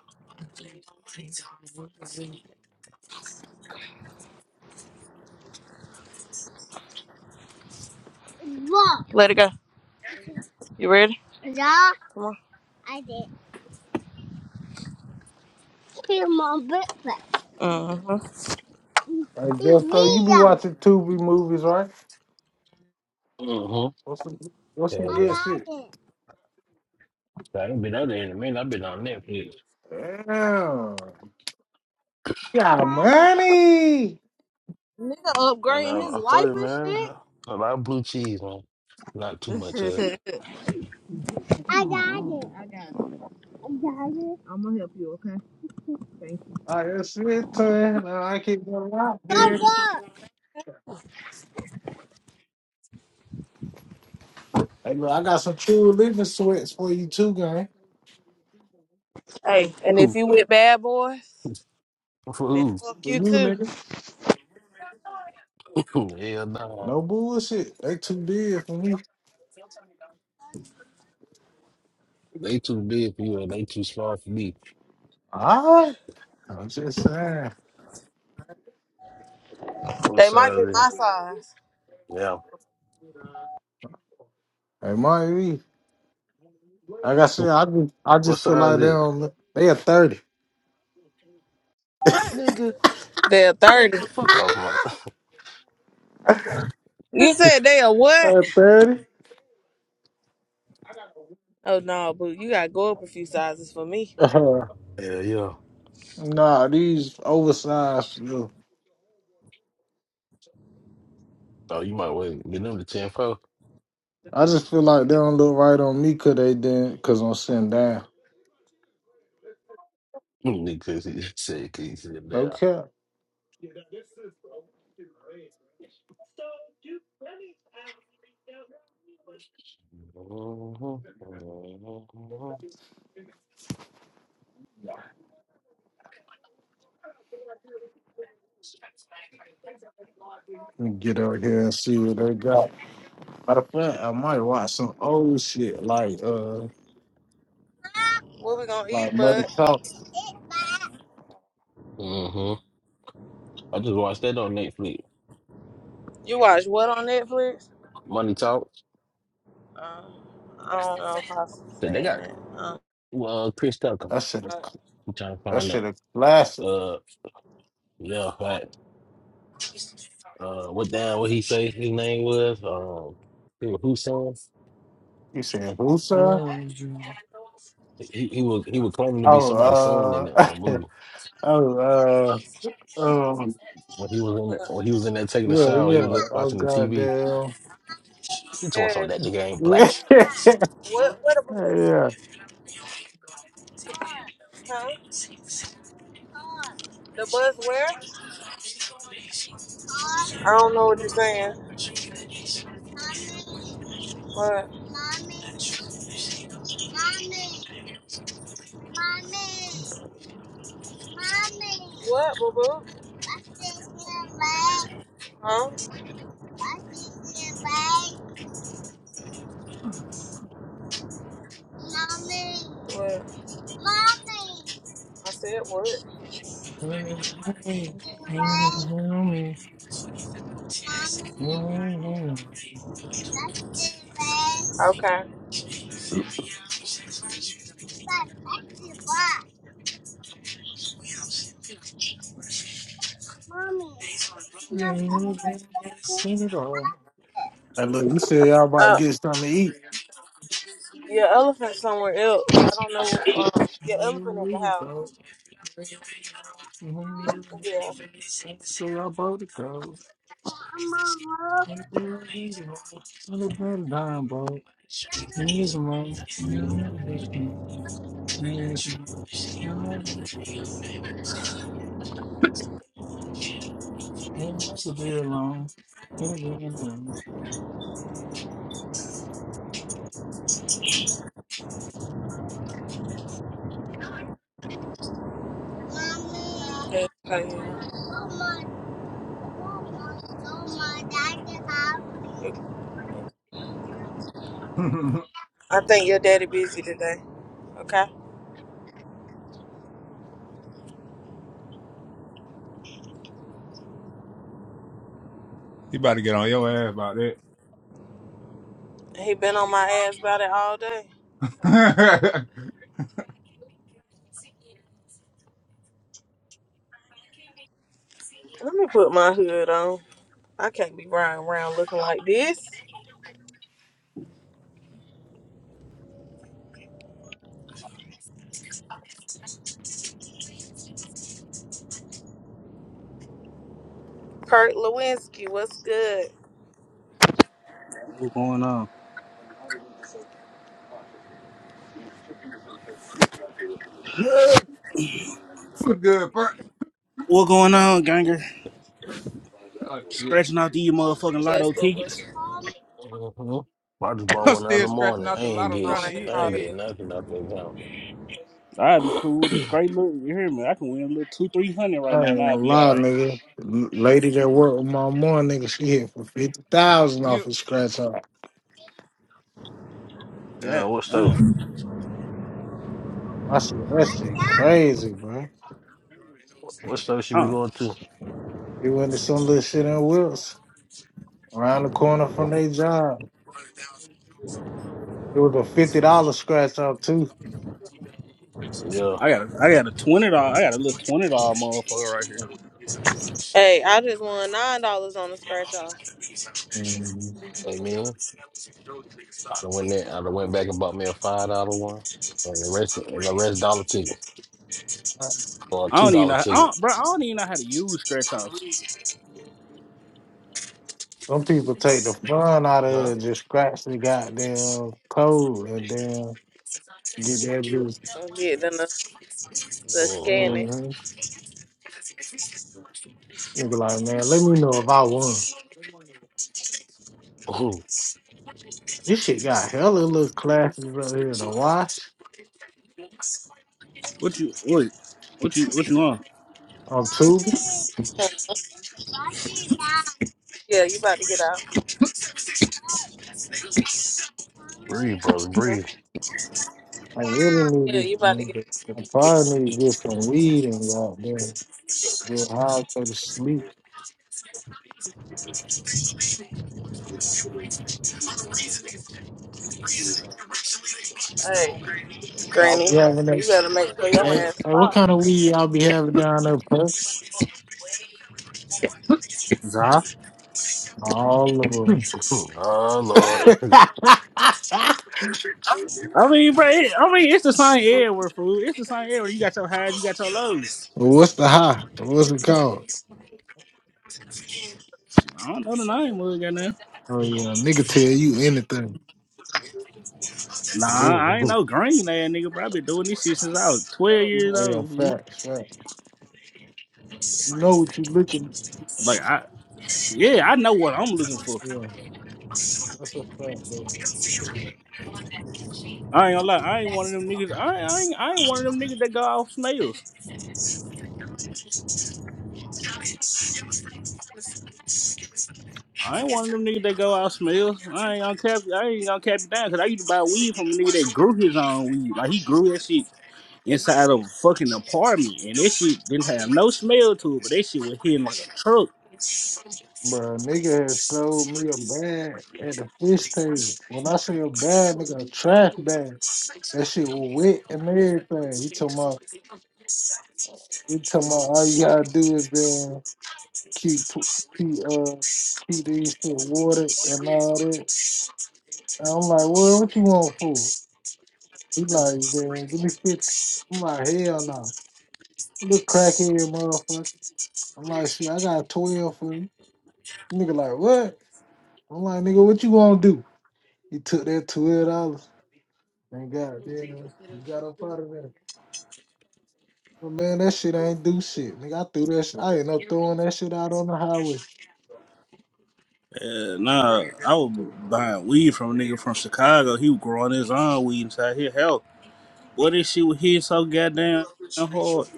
[SPEAKER 1] Let it go. You ready? Come on. Uh
[SPEAKER 4] I guess so. You be watching Tubi movies, right?
[SPEAKER 2] Uh huh.
[SPEAKER 4] What's some, what's
[SPEAKER 2] Yeah,
[SPEAKER 4] some
[SPEAKER 2] yeah.
[SPEAKER 4] good shit?
[SPEAKER 1] huh.
[SPEAKER 2] I ain't been out there in a minute. I've been on Netflix.
[SPEAKER 4] Damn.
[SPEAKER 1] I
[SPEAKER 4] Got
[SPEAKER 1] got it.
[SPEAKER 4] money.
[SPEAKER 1] Nigga
[SPEAKER 2] I mean,
[SPEAKER 1] upgrading
[SPEAKER 2] I'm,
[SPEAKER 1] his
[SPEAKER 2] I'm
[SPEAKER 1] life
[SPEAKER 2] sorry, man.
[SPEAKER 1] and
[SPEAKER 2] A lot of blue cheese, man. Not too much of it.
[SPEAKER 1] shit. [LAUGHS] I got it. I got it. I got it. I'm gonna help you, okay? Thank you.
[SPEAKER 4] I can sit there and I keep going out
[SPEAKER 1] I
[SPEAKER 4] there.
[SPEAKER 1] got it.
[SPEAKER 4] Hey, look, I got some true living sweats for you too, gang.
[SPEAKER 1] Hey, and if
[SPEAKER 2] Ooh,
[SPEAKER 1] you with bad boys,
[SPEAKER 2] for
[SPEAKER 1] then
[SPEAKER 2] who?
[SPEAKER 1] fuck
[SPEAKER 4] For
[SPEAKER 1] you
[SPEAKER 4] you,
[SPEAKER 1] too.
[SPEAKER 4] nigga.
[SPEAKER 2] [LAUGHS] Hell no.
[SPEAKER 4] No bullshit. They too big for me.
[SPEAKER 2] They too big for you and they too small for me.
[SPEAKER 4] All right. I'm just saying.
[SPEAKER 2] What
[SPEAKER 1] They might be
[SPEAKER 2] size is it?
[SPEAKER 1] my size.
[SPEAKER 2] Yeah.
[SPEAKER 4] Hey, Marty, like I said, I just, I
[SPEAKER 2] What
[SPEAKER 4] just feel
[SPEAKER 2] size
[SPEAKER 4] like they
[SPEAKER 2] is it?
[SPEAKER 4] don't. they a 30.
[SPEAKER 2] Nigga.
[SPEAKER 1] They're 30.
[SPEAKER 2] The fuck off my
[SPEAKER 1] You said they are
[SPEAKER 4] They
[SPEAKER 1] what?
[SPEAKER 4] a 30?
[SPEAKER 1] Oh no, boo, you gotta go up a few sizes for me.
[SPEAKER 4] uh [LAUGHS]
[SPEAKER 2] [LAUGHS] Hell yeah.
[SPEAKER 4] nah, these oversized. Look,
[SPEAKER 2] Oh, you might wait. Get them to ten four.
[SPEAKER 4] I just feel like they don't look right on me because they didn't, because I'm sitting down.
[SPEAKER 2] Nigga, cause he [LAUGHS] said, cause he said
[SPEAKER 4] No
[SPEAKER 2] that.
[SPEAKER 4] cap.
[SPEAKER 2] [LAUGHS]
[SPEAKER 4] Let me get out here and see what they got. Matter of fact, I might watch some old shit like uh
[SPEAKER 1] What we gonna
[SPEAKER 4] like
[SPEAKER 1] eat,
[SPEAKER 4] Money
[SPEAKER 1] bud?
[SPEAKER 4] Talks.
[SPEAKER 1] it. back.
[SPEAKER 2] Mm-hmm. I just watched that on Netflix.
[SPEAKER 1] You watch what on Netflix?
[SPEAKER 2] Money Talk.
[SPEAKER 1] Um, I don't know if I've
[SPEAKER 2] So they
[SPEAKER 1] seen
[SPEAKER 2] got
[SPEAKER 1] it. Um,
[SPEAKER 2] well, Chris Tucker.
[SPEAKER 4] I should have
[SPEAKER 1] uh,
[SPEAKER 2] I'm trying to
[SPEAKER 4] I
[SPEAKER 2] find
[SPEAKER 4] should
[SPEAKER 2] out.
[SPEAKER 4] have classic.
[SPEAKER 2] Uh, yeah, like, uh, what down? What he say his name was? Um, he was whose son?
[SPEAKER 4] You said who sir?
[SPEAKER 3] Seen
[SPEAKER 2] He he was he was claiming to be
[SPEAKER 4] Oh
[SPEAKER 2] somebody's son in the
[SPEAKER 4] uh
[SPEAKER 2] um,
[SPEAKER 4] [LAUGHS]
[SPEAKER 2] movie
[SPEAKER 4] oh uh um
[SPEAKER 2] when he was in that, when he was in there taking a
[SPEAKER 4] yeah
[SPEAKER 2] shower. He was
[SPEAKER 4] yeah
[SPEAKER 2] look-
[SPEAKER 4] oh
[SPEAKER 2] watching the TV
[SPEAKER 4] goddamn
[SPEAKER 2] You told some
[SPEAKER 1] yes.
[SPEAKER 2] that nigga
[SPEAKER 4] [LAUGHS]
[SPEAKER 2] ain't black.
[SPEAKER 4] yeah
[SPEAKER 1] What? Where the bus?
[SPEAKER 4] yeah.
[SPEAKER 1] Huh? The bus where? I don't know what you're saying. Mommy. What? Mommy, mommy, mommy, mommy. What, boo boo? Huh? Mommy. What? Mommy. I said what? Mommy. Okay. Mommy.
[SPEAKER 3] it all.
[SPEAKER 4] And look, you said y'all about to
[SPEAKER 1] Uh,
[SPEAKER 4] get something to eat.
[SPEAKER 1] your elephant somewhere else. I don't know. um, your elephant at
[SPEAKER 3] Sing
[SPEAKER 1] the
[SPEAKER 3] it
[SPEAKER 1] house.
[SPEAKER 3] all.
[SPEAKER 1] Yeah.
[SPEAKER 3] So I bought the clothes. Angel, Angel, I'm a bad dime, bro. Needs a man. [LAUGHS] There's no to be alone. Gonna be alone.
[SPEAKER 1] Yeah. Oh, yeah.
[SPEAKER 3] [LAUGHS]
[SPEAKER 1] I think your daddy busy today. Okay.
[SPEAKER 3] he about to get on your ass about
[SPEAKER 1] He been on my ass about it all day.
[SPEAKER 3] that.
[SPEAKER 1] Let me put my hood on. I can't be riding around looking like this. Kurt Lewinsky, what's good?
[SPEAKER 5] What going on?
[SPEAKER 3] [LAUGHS] What good, bro?
[SPEAKER 5] What going on, ganger?
[SPEAKER 3] [LAUGHS]
[SPEAKER 5] Scratching out these motherfucking
[SPEAKER 1] Yes,
[SPEAKER 5] lotto
[SPEAKER 1] boo boo.
[SPEAKER 5] tickets.
[SPEAKER 2] hmm I just bought
[SPEAKER 3] I'm
[SPEAKER 2] one the
[SPEAKER 3] still
[SPEAKER 2] other
[SPEAKER 3] scratching
[SPEAKER 2] morning. I
[SPEAKER 3] out the
[SPEAKER 2] ain't
[SPEAKER 3] lotto
[SPEAKER 1] No,
[SPEAKER 2] get
[SPEAKER 3] trying to
[SPEAKER 1] I
[SPEAKER 2] shit.
[SPEAKER 1] ain't
[SPEAKER 2] I
[SPEAKER 3] hit
[SPEAKER 2] ain't get
[SPEAKER 3] big.
[SPEAKER 1] calling
[SPEAKER 2] nothing out that account.
[SPEAKER 5] I'd be cool. Great look, you hear me? I can win a little two, three hundred right
[SPEAKER 4] I
[SPEAKER 5] now,
[SPEAKER 4] ain't
[SPEAKER 5] and
[SPEAKER 4] gonna
[SPEAKER 5] I'd be all
[SPEAKER 4] lie,
[SPEAKER 5] right.
[SPEAKER 4] nigga. L- Lady that worked with my mom, nigga, she hit for fifty thousand off
[SPEAKER 3] You.
[SPEAKER 4] of scratch out.
[SPEAKER 5] Yeah,
[SPEAKER 2] Yeah, what
[SPEAKER 5] damn.
[SPEAKER 2] stuff?
[SPEAKER 4] I said that
[SPEAKER 1] you.
[SPEAKER 4] shit crazy, bro.
[SPEAKER 2] What stuff should we
[SPEAKER 5] Oh,
[SPEAKER 2] going to?
[SPEAKER 4] It went to some little shit in Wills, around the corner from their job. It was a fifty dollar scratch off too.
[SPEAKER 2] Yeah,
[SPEAKER 5] I got, a, I got a twenty dollar. I got a little twenty dollar motherfucker right here.
[SPEAKER 1] Hey, I just won nine dollars on the scratch off.
[SPEAKER 4] Mhm.
[SPEAKER 2] hey man, I done went there. I done went back and bought me a five dollar one, and the rest, and the rest dollar ticket or a
[SPEAKER 5] I
[SPEAKER 2] two
[SPEAKER 5] don't even know,
[SPEAKER 2] dollar
[SPEAKER 5] how, I
[SPEAKER 2] ticket.
[SPEAKER 5] don't, bro. I don't even know how to use scratch offs.
[SPEAKER 4] Some people take the fun out of it
[SPEAKER 2] Huh?
[SPEAKER 4] and just scratch the goddamn code and then get that bitch.
[SPEAKER 1] I'm getting the the scanning.
[SPEAKER 2] Mm-hmm.
[SPEAKER 4] Mhm. Nigga, like man, let me know if I won. This shit got hella little classes up here to watch.
[SPEAKER 5] What you, what, what you, what you on?
[SPEAKER 4] I'm tubing.
[SPEAKER 1] Mommy, Huh. Yeah, you about to get out. Mommy,
[SPEAKER 2] Breathe, brother, breathe.
[SPEAKER 1] Mhm.
[SPEAKER 2] [LAUGHS]
[SPEAKER 4] I really need
[SPEAKER 1] Yeah,
[SPEAKER 4] this.
[SPEAKER 1] you about
[SPEAKER 3] No
[SPEAKER 1] to get.
[SPEAKER 3] bits of
[SPEAKER 4] I probably need just some weed and go out there get high, go to sleep.
[SPEAKER 1] Hey,
[SPEAKER 4] I'll be
[SPEAKER 1] Granny,
[SPEAKER 4] having
[SPEAKER 1] you
[SPEAKER 4] that.
[SPEAKER 1] better make sure your
[SPEAKER 4] Hey,
[SPEAKER 1] ass
[SPEAKER 4] hey, what
[SPEAKER 1] stop.
[SPEAKER 4] kind of weed I'll be having down there, Perk?
[SPEAKER 5] Zah?
[SPEAKER 4] All of
[SPEAKER 2] Mhm. Oh Lord.
[SPEAKER 4] it.
[SPEAKER 2] [LAUGHS]
[SPEAKER 4] [LAUGHS]
[SPEAKER 5] I mean, bro. It, I mean, it's the same everywhere, fool. It's the same everywhere. You got your highs, you got your lows.
[SPEAKER 4] What's the high? What's it called?
[SPEAKER 5] Shit, I don't know the name of it, goddamn.
[SPEAKER 4] Oh yeah, nigga tell you anything.
[SPEAKER 5] Nah, I ain't
[SPEAKER 2] Mhm.
[SPEAKER 5] no green ass nigga, bro. I been doing this shit since I was twelve years
[SPEAKER 4] Oh yeah,
[SPEAKER 5] old. fool.
[SPEAKER 4] facts, facts. You know what you looking?
[SPEAKER 5] Like I, yeah, I know what I'm looking for.
[SPEAKER 4] Yeah, that's a fact,
[SPEAKER 5] I ain't gonna lie, I ain't one of them niggas. I, I ain't, I ain't one of them niggas that go off smells. I ain't one of them niggas that go off smells. I ain't gonna cap, I ain't gonna cap it down because I used to buy weed from a nigga that grew his own weed. Like he grew that shit inside of a fucking apartment, and that shit didn't have no smell to it, but that shit was hitting like a truck.
[SPEAKER 4] Bro, nigga had sold me a bag at the fish table. When I say a bag, nigga, a trash bag. That shit was wet and everything. He told my, he told my, all you gotta do is then keep, pl- keep, uh, keep these shit watered and all that. And I'm like, well, what you want for? He like, man, give me fifty. I'm like, hell no. Look crackhead motherfucker. I'm like, shit, I got twelve for you. Nigga like, what? I'm like, nigga, what you gonna do? He took that twelve dollars. Thank God. Yeah, you got up out of there. Well, man, that shit ain't do shit. Nigga, I threw that shit. I ain't no throwing that shit out on the highway.
[SPEAKER 5] Uh, nah, I was buying weed from a nigga from Chicago. He was growing his own weed inside his house. Boy, this shit was hit so goddamn hard.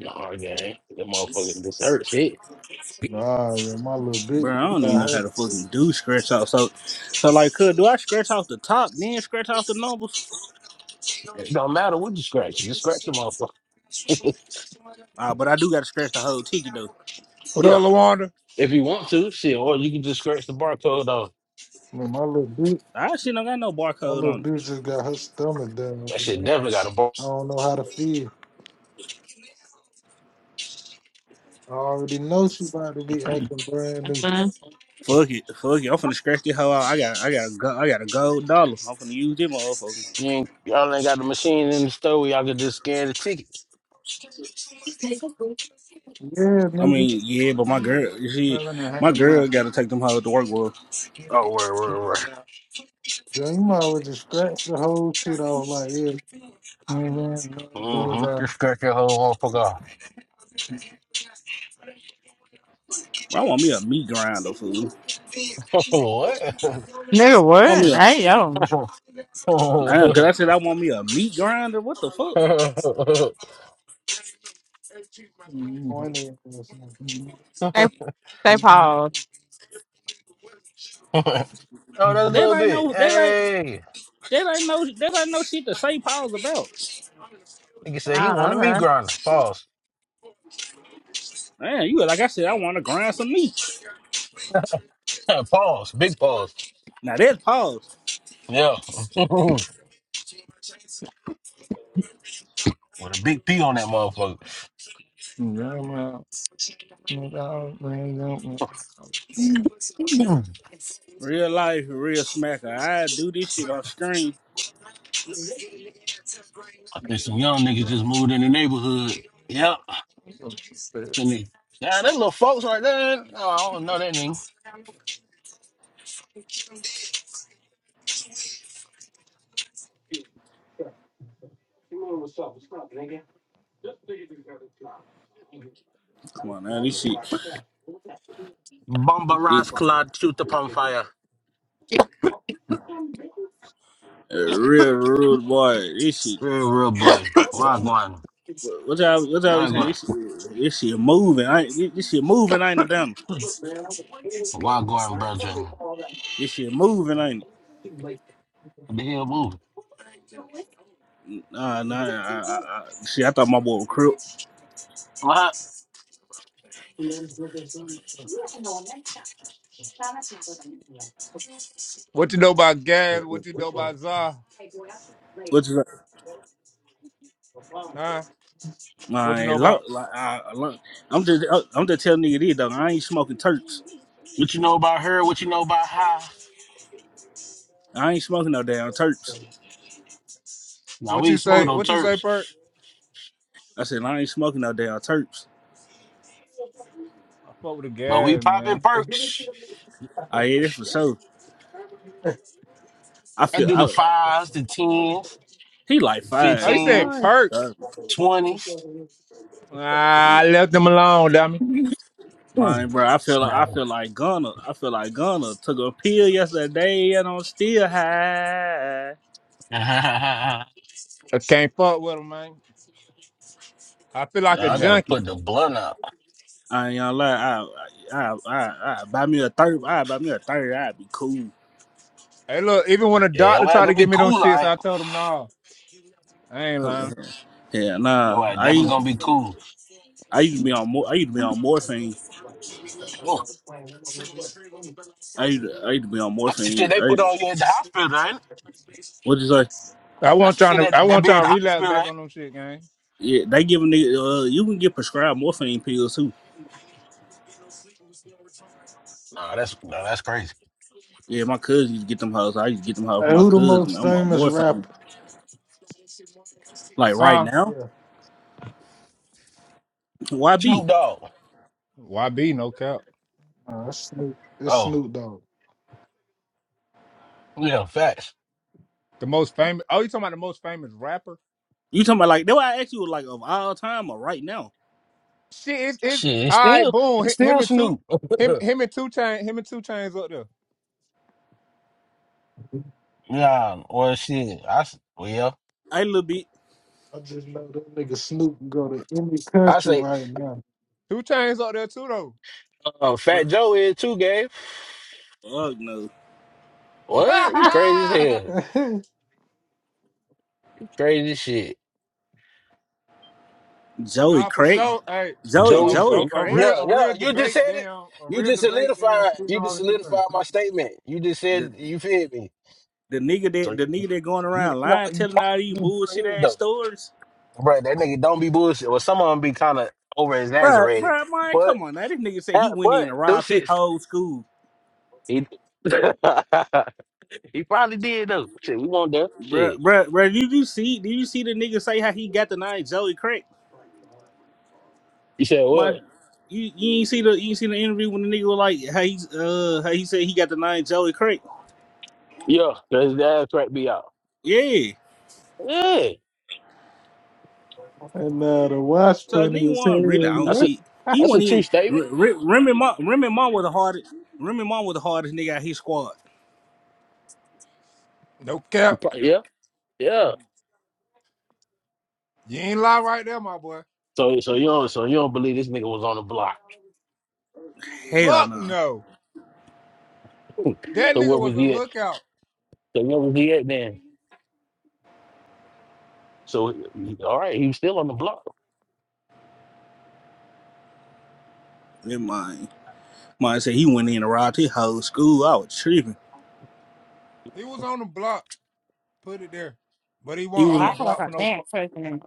[SPEAKER 2] Nah, gang. That motherfucker just hurt shit.
[SPEAKER 4] Nah, yo, my little bitch.
[SPEAKER 5] Bro, I
[SPEAKER 4] just
[SPEAKER 5] don't
[SPEAKER 4] got
[SPEAKER 5] even know how
[SPEAKER 4] her-
[SPEAKER 5] to fucking do scratch out. So, so like, could do I scratch off the top, then scratch off the numbers?
[SPEAKER 2] It don't matter what you scratch. Just scratch the motherfucker.
[SPEAKER 5] Ah, but I do got to scratch the whole ticket though.
[SPEAKER 2] [LAUGHS]
[SPEAKER 3] What
[SPEAKER 2] yeah.
[SPEAKER 3] up, Lawanda? [LAUGHS]
[SPEAKER 2] If you want to, shit, or you can just scratch the barcode off.
[SPEAKER 4] Man, my little bitch.
[SPEAKER 5] I shit don't got no
[SPEAKER 4] My
[SPEAKER 5] barcode
[SPEAKER 4] little
[SPEAKER 5] on it.
[SPEAKER 4] bitch just got her stomach down.
[SPEAKER 2] That
[SPEAKER 4] You
[SPEAKER 2] shit
[SPEAKER 4] know?
[SPEAKER 2] definitely got a bar.
[SPEAKER 4] I don't know how to feel. I already know she about to be acting brand new.
[SPEAKER 6] Uh,
[SPEAKER 5] Fuck it, fuck it. I'm finna scratch this whole out. I got, I got, a go- I got a gold dollar. I'm finna use this motherfucker.
[SPEAKER 2] You ain't, y'all ain't got the machine in the store where y'all can just scan the ticket.
[SPEAKER 4] Yeah,
[SPEAKER 5] I
[SPEAKER 4] nigga.
[SPEAKER 5] mean, yeah, but my girl, you see,
[SPEAKER 3] Well, and I
[SPEAKER 5] my
[SPEAKER 3] have not.
[SPEAKER 5] girl got to take them hoes to work with.
[SPEAKER 2] Oh, where, where, where?
[SPEAKER 4] Yo, you might as well just scratch the whole shit off. Like, yeah,
[SPEAKER 2] Mm-hmm.
[SPEAKER 3] Bullseye.
[SPEAKER 2] Just scratch your whole motherfucker
[SPEAKER 5] I want me a meat grinder, fool.
[SPEAKER 2] off. [LAUGHS] what?
[SPEAKER 6] nigga,
[SPEAKER 5] want me
[SPEAKER 6] what?
[SPEAKER 5] a
[SPEAKER 6] Hey, yo.
[SPEAKER 2] [LAUGHS]
[SPEAKER 5] damn, cause I
[SPEAKER 2] oh,
[SPEAKER 5] said I want me a meat grinder. What the fuck?
[SPEAKER 3] Mhm.
[SPEAKER 4] Corny ass nigga.
[SPEAKER 3] Mhm.
[SPEAKER 6] They, they
[SPEAKER 3] Mhm.
[SPEAKER 6] paused.
[SPEAKER 2] that's a
[SPEAKER 3] Mhm.
[SPEAKER 5] That
[SPEAKER 2] little
[SPEAKER 5] ain't
[SPEAKER 2] bit.
[SPEAKER 5] no that ain't
[SPEAKER 2] Hey,
[SPEAKER 5] that ain't no that ain't no shit to say pause about.
[SPEAKER 2] nigga
[SPEAKER 6] Oh,
[SPEAKER 2] said he wanted me
[SPEAKER 6] okay.
[SPEAKER 2] grinder. Pause.
[SPEAKER 5] Man, you like I said, I wanna grind some meat.
[SPEAKER 2] [LAUGHS] pause. Big pause.
[SPEAKER 5] Now that's pause.
[SPEAKER 2] Yeah. [LAUGHS] With a big P on that motherfucker.
[SPEAKER 3] Yeah, well, you know, I don't- I don't know.
[SPEAKER 2] [LAUGHS]
[SPEAKER 5] Real life, real smacker. I do this shit on screen.
[SPEAKER 2] I think some young niggas just moved in the neighborhood. Yep. Finna- Yeah, that little folks right there. Oh, I don't know that name.
[SPEAKER 5] Come on now, this shit
[SPEAKER 2] Bomba
[SPEAKER 5] this,
[SPEAKER 2] Ross Clod, shoot the pump fire.
[SPEAKER 5] uh, real rude boy. This shit
[SPEAKER 2] Real, real boy. Why going?
[SPEAKER 5] what what y'all what y'all be
[SPEAKER 2] Why
[SPEAKER 5] saying?
[SPEAKER 2] going?
[SPEAKER 5] This shit, this shit moving. I ain't- this, this shit moving ain't it done.
[SPEAKER 2] Why going, brethren?
[SPEAKER 5] This shit moving ain't it?
[SPEAKER 2] What the hell move?
[SPEAKER 5] Nah, nah, I, I, I, shit, I thought my boy was crip.
[SPEAKER 2] What?
[SPEAKER 3] What you know about Gab? What you know about Za? Huh? What you
[SPEAKER 5] Like,
[SPEAKER 3] know
[SPEAKER 5] look,
[SPEAKER 3] about
[SPEAKER 5] like I, I, lo- I'm just, uh, I'm just telling nigga this though. I ain't smoking terps.
[SPEAKER 2] What you know about her? What you know about her?
[SPEAKER 5] I ain't smoking no damn terps.
[SPEAKER 2] Now,
[SPEAKER 3] what
[SPEAKER 2] we
[SPEAKER 3] you
[SPEAKER 2] ain't smoking
[SPEAKER 3] say?
[SPEAKER 2] no
[SPEAKER 3] What you say,
[SPEAKER 2] turps,
[SPEAKER 3] Perk?
[SPEAKER 5] I said I ain't smoking no damn terps.
[SPEAKER 3] I fuck with the
[SPEAKER 2] but we
[SPEAKER 3] Gab,
[SPEAKER 2] popping
[SPEAKER 3] man.
[SPEAKER 2] perks.
[SPEAKER 5] I yeah, that's for sure. I
[SPEAKER 2] I
[SPEAKER 5] feel
[SPEAKER 2] do the
[SPEAKER 5] I,
[SPEAKER 2] fives, the tens,
[SPEAKER 5] he like
[SPEAKER 2] the
[SPEAKER 3] Oh, you
[SPEAKER 5] fives.
[SPEAKER 3] said
[SPEAKER 2] fifteens,
[SPEAKER 5] My,
[SPEAKER 3] Perks?
[SPEAKER 5] God.
[SPEAKER 2] twenties.
[SPEAKER 3] Nah, I left them alone, dummy.
[SPEAKER 2] Hmm.
[SPEAKER 5] my bro. I feel like I
[SPEAKER 2] No.
[SPEAKER 5] feel like gunna. I feel like gunna took a pill yesterday and I'm still high.
[SPEAKER 2] [LAUGHS] yeah,
[SPEAKER 3] I can't fuck with them, man. I feel like a
[SPEAKER 2] I
[SPEAKER 5] Oh,
[SPEAKER 2] gotta
[SPEAKER 3] junkie.
[SPEAKER 2] put the blunt out.
[SPEAKER 5] I ain't gonna lie. I, I, I, I, I buy me a third. I buy me a third. I'd be cool.
[SPEAKER 3] Hey, look, even when a
[SPEAKER 2] Yeah,
[SPEAKER 3] doctor
[SPEAKER 2] your ass
[SPEAKER 3] tried
[SPEAKER 2] gonna
[SPEAKER 3] to
[SPEAKER 2] be
[SPEAKER 3] give me them
[SPEAKER 2] cool, all
[SPEAKER 3] shits,
[SPEAKER 2] right?
[SPEAKER 3] I told him no. I ain't lying.
[SPEAKER 5] [LAUGHS] Yeah, nah.
[SPEAKER 2] Your ass
[SPEAKER 5] I
[SPEAKER 2] definitely
[SPEAKER 5] used,
[SPEAKER 2] gonna be cool.
[SPEAKER 5] I used to be on. mor- I used to be on morphine.
[SPEAKER 2] Yo,
[SPEAKER 5] I used to, I used to be on
[SPEAKER 2] that's
[SPEAKER 5] morphine. I
[SPEAKER 2] the shit they put on you in the hospital, right?
[SPEAKER 5] what you say?
[SPEAKER 3] I
[SPEAKER 2] That's
[SPEAKER 3] want
[SPEAKER 2] the
[SPEAKER 3] trying
[SPEAKER 2] shit
[SPEAKER 3] to.
[SPEAKER 2] that,
[SPEAKER 3] I
[SPEAKER 2] that
[SPEAKER 3] want
[SPEAKER 2] be in
[SPEAKER 3] trying
[SPEAKER 2] the
[SPEAKER 3] to relapse
[SPEAKER 2] hospital,
[SPEAKER 3] back
[SPEAKER 2] right?
[SPEAKER 3] on them shit, gang.
[SPEAKER 5] Yeah, they give them. Uh, you can get prescribed morphine pills too.
[SPEAKER 2] Nah, that's nah, that's crazy.
[SPEAKER 5] Yeah, my cousin used to get them hoes. I used to get them hoes from
[SPEAKER 4] Hey,
[SPEAKER 5] my
[SPEAKER 4] who the
[SPEAKER 5] cousin.
[SPEAKER 4] most
[SPEAKER 5] I'm on
[SPEAKER 4] famous
[SPEAKER 5] morphine.
[SPEAKER 4] rapper?
[SPEAKER 5] Like right
[SPEAKER 3] Huh?
[SPEAKER 5] now,
[SPEAKER 4] Yeah,
[SPEAKER 5] why be?
[SPEAKER 2] Snoop Dogg.
[SPEAKER 3] YB, no cap.
[SPEAKER 4] uh, that's Snoop. It's
[SPEAKER 2] Oh,
[SPEAKER 4] Snoop Dogg.
[SPEAKER 2] yeah, facts.
[SPEAKER 3] The most famous. Oh, you talking about the most famous rapper?
[SPEAKER 5] You talking about like that? Why I asked you like of all time or right now?
[SPEAKER 3] Shit, it's, it's
[SPEAKER 2] Shit, it's
[SPEAKER 3] all right.
[SPEAKER 2] still
[SPEAKER 3] Boom. Hi-
[SPEAKER 2] it's
[SPEAKER 3] Him
[SPEAKER 2] still
[SPEAKER 3] and two,
[SPEAKER 2] Snoop.
[SPEAKER 3] him,
[SPEAKER 2] [LAUGHS]
[SPEAKER 3] him and two chain, him and two chains up there.
[SPEAKER 2] yeah, well, shit. I s- well,
[SPEAKER 5] I little bit.
[SPEAKER 4] I just know that nigga Snoop can go to any
[SPEAKER 2] I
[SPEAKER 4] country
[SPEAKER 2] say
[SPEAKER 4] right now.
[SPEAKER 3] Two chains up there too though.
[SPEAKER 2] um,
[SPEAKER 5] Bro,
[SPEAKER 2] Fat Joe is too, Gabe.
[SPEAKER 5] fuck no,
[SPEAKER 2] What? You crazy
[SPEAKER 3] [LAUGHS]
[SPEAKER 2] as
[SPEAKER 4] [LAUGHS]
[SPEAKER 2] hell?
[SPEAKER 4] and
[SPEAKER 2] You crazy as shit.
[SPEAKER 5] Joey
[SPEAKER 3] nah, for
[SPEAKER 5] Crack,
[SPEAKER 3] sure. Hey, a,
[SPEAKER 5] Joey
[SPEAKER 2] Joey.
[SPEAKER 3] a,
[SPEAKER 5] Joey
[SPEAKER 3] a, a
[SPEAKER 5] Crack.
[SPEAKER 3] real
[SPEAKER 2] Yeah,
[SPEAKER 3] a
[SPEAKER 2] yeah.
[SPEAKER 3] real
[SPEAKER 2] You just
[SPEAKER 3] debate
[SPEAKER 2] said it.
[SPEAKER 3] down. A
[SPEAKER 2] You
[SPEAKER 3] real
[SPEAKER 2] just
[SPEAKER 3] debate down.
[SPEAKER 2] solidified.
[SPEAKER 3] Two
[SPEAKER 2] You just
[SPEAKER 3] dogs and two chains.
[SPEAKER 2] solidified my statement. You just
[SPEAKER 5] The
[SPEAKER 2] said you feel me.
[SPEAKER 5] the nigga
[SPEAKER 2] So
[SPEAKER 5] that the
[SPEAKER 2] you,
[SPEAKER 5] nigga that going
[SPEAKER 2] you, you
[SPEAKER 5] around
[SPEAKER 2] know,
[SPEAKER 5] lying,
[SPEAKER 2] you
[SPEAKER 5] telling all
[SPEAKER 2] don't
[SPEAKER 5] these
[SPEAKER 2] be
[SPEAKER 5] bullshit
[SPEAKER 2] bullshit
[SPEAKER 5] ass
[SPEAKER 2] though,
[SPEAKER 5] stories.
[SPEAKER 2] bro. That nigga don't be bullshit. Well, some of them be kind of over
[SPEAKER 5] Bruh,
[SPEAKER 2] exaggerated,
[SPEAKER 5] bruh, man,
[SPEAKER 2] but
[SPEAKER 5] come on now. This nigga said
[SPEAKER 2] uh,
[SPEAKER 5] he went in
[SPEAKER 2] but
[SPEAKER 5] and
[SPEAKER 2] those
[SPEAKER 5] robbed his
[SPEAKER 2] shits,
[SPEAKER 5] whole school.
[SPEAKER 2] he, [LAUGHS] he probably did though. Shit, we want that
[SPEAKER 5] Bruh,
[SPEAKER 2] shit.
[SPEAKER 5] bruh, bruh, did you see? Did you see the nigga say how he got the name Joey Crack?
[SPEAKER 2] You said
[SPEAKER 5] My,
[SPEAKER 2] what?
[SPEAKER 5] you, you ain't see the you ain't see the interview when the nigga was like how he uh how he said he got the name Joey Crack.
[SPEAKER 2] Yeah, does his ass crack me out?
[SPEAKER 5] Yeah,
[SPEAKER 2] Yeah,
[SPEAKER 4] uh, the watch
[SPEAKER 5] so the
[SPEAKER 4] funny
[SPEAKER 5] nigga
[SPEAKER 4] as hell.
[SPEAKER 5] wasn't really on
[SPEAKER 2] that's
[SPEAKER 4] Yeah.
[SPEAKER 2] a
[SPEAKER 5] shit. He
[SPEAKER 2] that's a
[SPEAKER 5] wasn't
[SPEAKER 2] true
[SPEAKER 5] even
[SPEAKER 2] statement.
[SPEAKER 5] R- R- Remy Ma. Remy Ma was the hardest. Remy Ma was the hardest nigga out his squad.
[SPEAKER 3] No
[SPEAKER 2] You
[SPEAKER 3] cap.
[SPEAKER 2] pro- Yeah, yeah.
[SPEAKER 3] You ain't lie right there, my boy.
[SPEAKER 2] So so you don't so you don't believe this nigga was on the block.
[SPEAKER 5] Hell
[SPEAKER 3] Fuck
[SPEAKER 5] no, nah.
[SPEAKER 3] no.
[SPEAKER 2] [LAUGHS] so
[SPEAKER 3] That nigga
[SPEAKER 2] where was
[SPEAKER 3] was a
[SPEAKER 2] he at?
[SPEAKER 3] lookout.
[SPEAKER 2] So where was he at then? So all right, he was still on the block.
[SPEAKER 5] never mind. Mine said he went in and robbed his whole school. I was tripping.
[SPEAKER 3] He was on the block. Put it there. But he
[SPEAKER 5] He
[SPEAKER 3] wasn't on
[SPEAKER 5] was
[SPEAKER 3] the
[SPEAKER 6] Wow, like
[SPEAKER 3] block for
[SPEAKER 6] a
[SPEAKER 3] no. fu-
[SPEAKER 6] man person.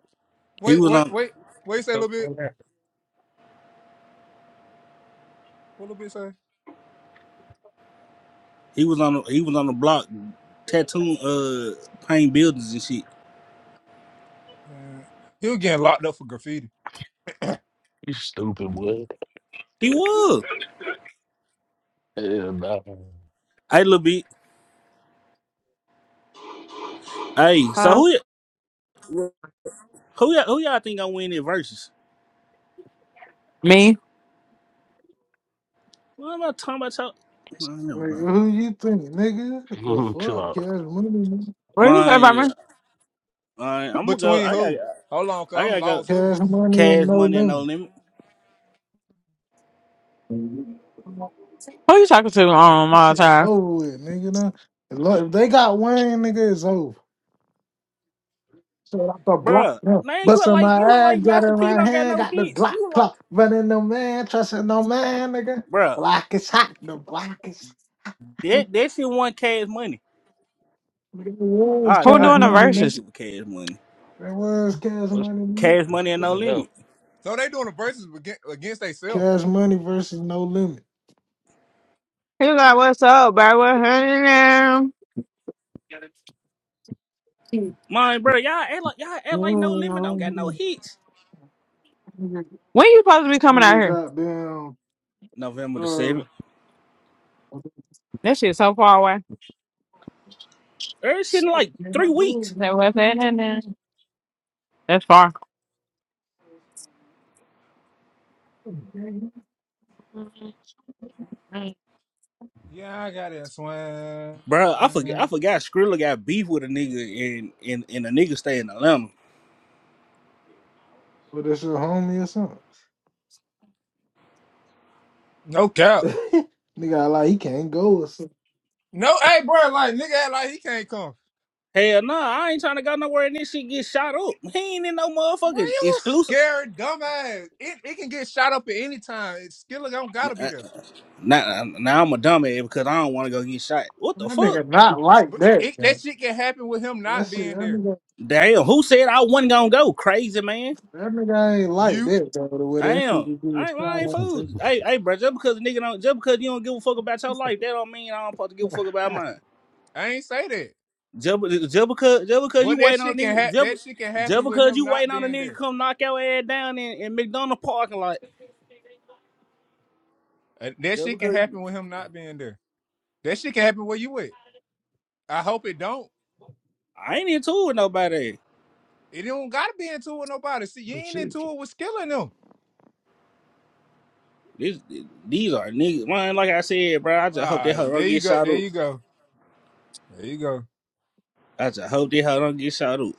[SPEAKER 5] he
[SPEAKER 3] Wait,
[SPEAKER 5] was
[SPEAKER 3] wait,
[SPEAKER 5] on
[SPEAKER 3] wait. Wait. Say a little bit. What a little bit say?
[SPEAKER 5] he was on he was on the block tattooing uh paint buildings and shit.
[SPEAKER 3] Uh, he was getting locked up for graffiti.
[SPEAKER 2] You stupid boy.
[SPEAKER 5] He was.
[SPEAKER 2] Yeah, nah.
[SPEAKER 5] Hey, little bit. Hey, so
[SPEAKER 6] Huh?
[SPEAKER 5] who y- who y'all, who y'all think I win in versus?
[SPEAKER 6] Me?
[SPEAKER 5] Why am I talking about y'all? Man, never
[SPEAKER 4] Like,
[SPEAKER 5] mind.
[SPEAKER 4] who you think, nigga? The
[SPEAKER 2] [LAUGHS] Chill
[SPEAKER 4] fuck?
[SPEAKER 2] out.
[SPEAKER 4] Cash money. nigga.
[SPEAKER 6] What you say about
[SPEAKER 5] Mine,
[SPEAKER 6] me?
[SPEAKER 5] mine, I'm gonna go.
[SPEAKER 3] Between
[SPEAKER 5] I
[SPEAKER 3] who?
[SPEAKER 5] gotta,
[SPEAKER 3] Hold on, cause
[SPEAKER 5] I
[SPEAKER 3] I'm
[SPEAKER 5] gotta go.
[SPEAKER 3] lost. Who?
[SPEAKER 4] Cash money and
[SPEAKER 5] Cash
[SPEAKER 4] no
[SPEAKER 5] money and no
[SPEAKER 4] limit.
[SPEAKER 5] limit,
[SPEAKER 6] Who you talking to um,
[SPEAKER 4] That
[SPEAKER 6] all the
[SPEAKER 4] shit
[SPEAKER 6] time?
[SPEAKER 4] over with, nigga. Nah. Look, if they got Wayne, nigga, it's over. So like the block,
[SPEAKER 5] bruh.
[SPEAKER 4] yeah.
[SPEAKER 5] Man, you
[SPEAKER 4] bust
[SPEAKER 5] are
[SPEAKER 4] in
[SPEAKER 5] like
[SPEAKER 4] my
[SPEAKER 5] you are
[SPEAKER 4] ass,
[SPEAKER 5] like
[SPEAKER 4] got
[SPEAKER 5] Master
[SPEAKER 4] in
[SPEAKER 5] P.
[SPEAKER 4] my
[SPEAKER 5] Don't got
[SPEAKER 4] hand,
[SPEAKER 5] no
[SPEAKER 4] got the
[SPEAKER 5] hits.
[SPEAKER 4] block
[SPEAKER 5] You are like,
[SPEAKER 4] clock, running no man, trusting no man, nigga.
[SPEAKER 5] bruh.
[SPEAKER 4] Block is hot, the block is.
[SPEAKER 5] That that shit won cash money.
[SPEAKER 4] Nigga, it was
[SPEAKER 5] Ah,
[SPEAKER 4] cash
[SPEAKER 6] Who
[SPEAKER 5] ah, yeah,
[SPEAKER 6] doing the
[SPEAKER 5] yeah,
[SPEAKER 4] money,
[SPEAKER 5] that
[SPEAKER 4] nigga.
[SPEAKER 6] verses?
[SPEAKER 5] shit was cash money.
[SPEAKER 4] It was cash
[SPEAKER 2] What
[SPEAKER 4] money, nigga.
[SPEAKER 5] Cash money and no
[SPEAKER 2] the
[SPEAKER 5] limit.
[SPEAKER 2] hell?
[SPEAKER 3] So they doing the verses against, against themselves.
[SPEAKER 4] Cash money versus no limit.
[SPEAKER 6] He was like, what's up, bro? What's happening?
[SPEAKER 5] Mine, bruh. Y'all act like y'all act like no limit. Don't got no
[SPEAKER 6] When
[SPEAKER 5] hits.
[SPEAKER 4] Nigga,
[SPEAKER 6] you supposed to be coming out
[SPEAKER 4] nigga
[SPEAKER 6] here?
[SPEAKER 4] got down,
[SPEAKER 5] November the
[SPEAKER 4] uh,
[SPEAKER 5] seventh.
[SPEAKER 4] what
[SPEAKER 6] That shit so far away.
[SPEAKER 5] Every shit
[SPEAKER 6] Say,
[SPEAKER 5] in like three weeks.
[SPEAKER 6] what's happening? That's far.
[SPEAKER 3] Yeah, I got that
[SPEAKER 5] Bro, I forget. I
[SPEAKER 3] swing.
[SPEAKER 5] forgot. Skrilla got beef with a nigga, and and and a nigga stay in Atlanta.
[SPEAKER 4] is your homie or something.
[SPEAKER 3] No cap.
[SPEAKER 4] [LAUGHS] Nigga, like he can't go or something.
[SPEAKER 3] No, hey, bro, like nigga act like he can't come.
[SPEAKER 5] Hell nah, I ain't trying to go nowhere, and this shit get shot up. He ain't in no
[SPEAKER 3] Bro,
[SPEAKER 5] motherfucking
[SPEAKER 3] you a
[SPEAKER 5] exclusive.
[SPEAKER 3] scared dumbass. It it can get shot up at any time. It's Skiller don't gotta be
[SPEAKER 5] Uh,
[SPEAKER 3] there.
[SPEAKER 5] Now, now I'm a dumbass because I don't want to go get shot. What the
[SPEAKER 4] That
[SPEAKER 5] fuck?
[SPEAKER 4] nigga not like
[SPEAKER 3] But
[SPEAKER 4] that,
[SPEAKER 3] it, that
[SPEAKER 4] man.
[SPEAKER 3] shit can happen with him
[SPEAKER 4] That
[SPEAKER 3] not
[SPEAKER 4] shit, that
[SPEAKER 3] being there.
[SPEAKER 4] nigga.
[SPEAKER 5] Damn, who said I wasn't gonna go? Crazy man.
[SPEAKER 4] That nigga ain't like
[SPEAKER 3] You,
[SPEAKER 4] that though. The way that
[SPEAKER 5] Damn,
[SPEAKER 4] nigga
[SPEAKER 5] I
[SPEAKER 4] get
[SPEAKER 5] ain't, I
[SPEAKER 4] shot
[SPEAKER 5] ain't
[SPEAKER 2] [LAUGHS]
[SPEAKER 4] up.
[SPEAKER 5] fooled. Hey, hey, bro, just because a nigga don't, just because you don't give a fuck about your life,
[SPEAKER 4] Nigga.
[SPEAKER 5] that don't mean I don't supposed to give a fuck about
[SPEAKER 4] [LAUGHS]
[SPEAKER 5] mine.
[SPEAKER 3] I ain't say that.
[SPEAKER 5] Just, be- just because just because you
[SPEAKER 3] But that
[SPEAKER 5] waiting
[SPEAKER 3] shit
[SPEAKER 5] on a
[SPEAKER 3] can
[SPEAKER 5] nigga
[SPEAKER 3] ha-
[SPEAKER 5] just, be-
[SPEAKER 3] that shit can
[SPEAKER 5] just
[SPEAKER 3] happen with
[SPEAKER 5] because
[SPEAKER 3] him
[SPEAKER 5] you
[SPEAKER 3] not
[SPEAKER 5] waiting on a
[SPEAKER 3] being
[SPEAKER 5] nigga to
[SPEAKER 3] there.
[SPEAKER 5] come knock your ass down in, in McDonald's parking lot.
[SPEAKER 3] Uh, that
[SPEAKER 5] Just
[SPEAKER 3] shit can
[SPEAKER 5] because
[SPEAKER 3] happen with him not being there. That shit can happen where you at. I hope it don't.
[SPEAKER 5] I ain't into with nobody.
[SPEAKER 3] It don't gotta be into it with nobody. See, you ain't into it with killing them.
[SPEAKER 5] This these are niggas. Man, like I said, bro, I
[SPEAKER 3] All
[SPEAKER 5] just hope they
[SPEAKER 3] right,
[SPEAKER 5] hoe
[SPEAKER 3] there
[SPEAKER 5] don't
[SPEAKER 3] you
[SPEAKER 5] get
[SPEAKER 3] go.
[SPEAKER 5] shot
[SPEAKER 3] There
[SPEAKER 5] up.
[SPEAKER 3] you go. There you go.
[SPEAKER 5] I just hope they hoe don't get shot up.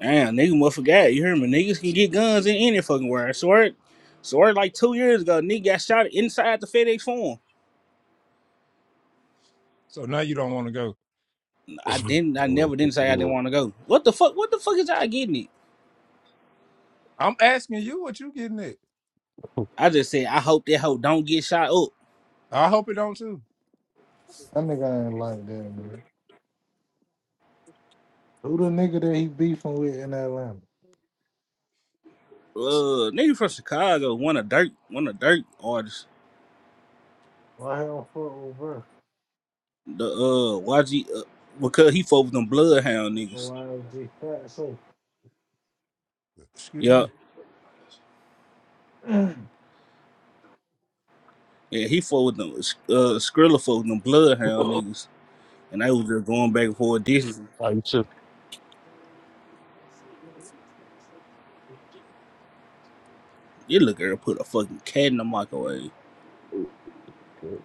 [SPEAKER 5] Damn, nigga must forgot. You hear me? Niggas can get guns in any fucking where. I swear Swear like two years ago, nigga got shot inside the FedEx form.
[SPEAKER 3] So now you don't want to go.
[SPEAKER 5] I didn't I never didn't say I didn't want to go. What the fuck what the fuck is y'all getting it?
[SPEAKER 3] I'm asking you what you getting at.
[SPEAKER 5] I just said I hope that hoe don't get shot up.
[SPEAKER 3] I hope it don't too.
[SPEAKER 4] That nigga ain't like that, man. Who the nigga that he beefing with in Atlanta?
[SPEAKER 5] uh nigga from Chicago, one of dirt, one of dirt artists.
[SPEAKER 4] Why he don't fuck with her?
[SPEAKER 5] The uh YG uh, because he fought with them bloodhound niggas.
[SPEAKER 4] OYLG fat so.
[SPEAKER 3] Excuse me.
[SPEAKER 5] Yup.
[SPEAKER 4] [CLEARS THROAT]
[SPEAKER 5] Yeah, he fought with them uh Skrilla fought with them bloodhound niggas. And they was just going back and forth dishes.
[SPEAKER 2] I just,
[SPEAKER 5] This little girl put a fucking cat in the microwave.
[SPEAKER 2] well,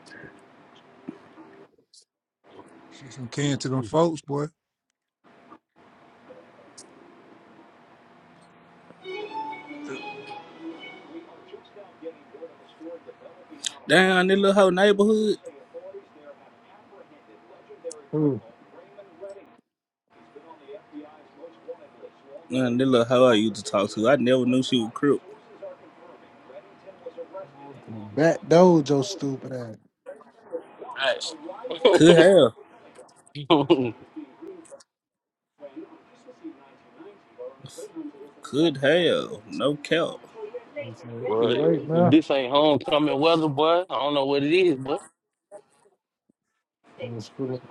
[SPEAKER 3] Get some can to them folks, boy. Uh,
[SPEAKER 5] Down this little whole neighborhood.
[SPEAKER 4] Who?
[SPEAKER 5] And this little hoe I used to talk to. I never knew she was crip.
[SPEAKER 4] Back dojo, stupid ass.
[SPEAKER 5] Could have. Could have. No cap.
[SPEAKER 4] He said, Too late
[SPEAKER 2] if
[SPEAKER 4] now.
[SPEAKER 2] this ain't homecoming weather, boy, I don't know what it is, but
[SPEAKER 4] I was feeling-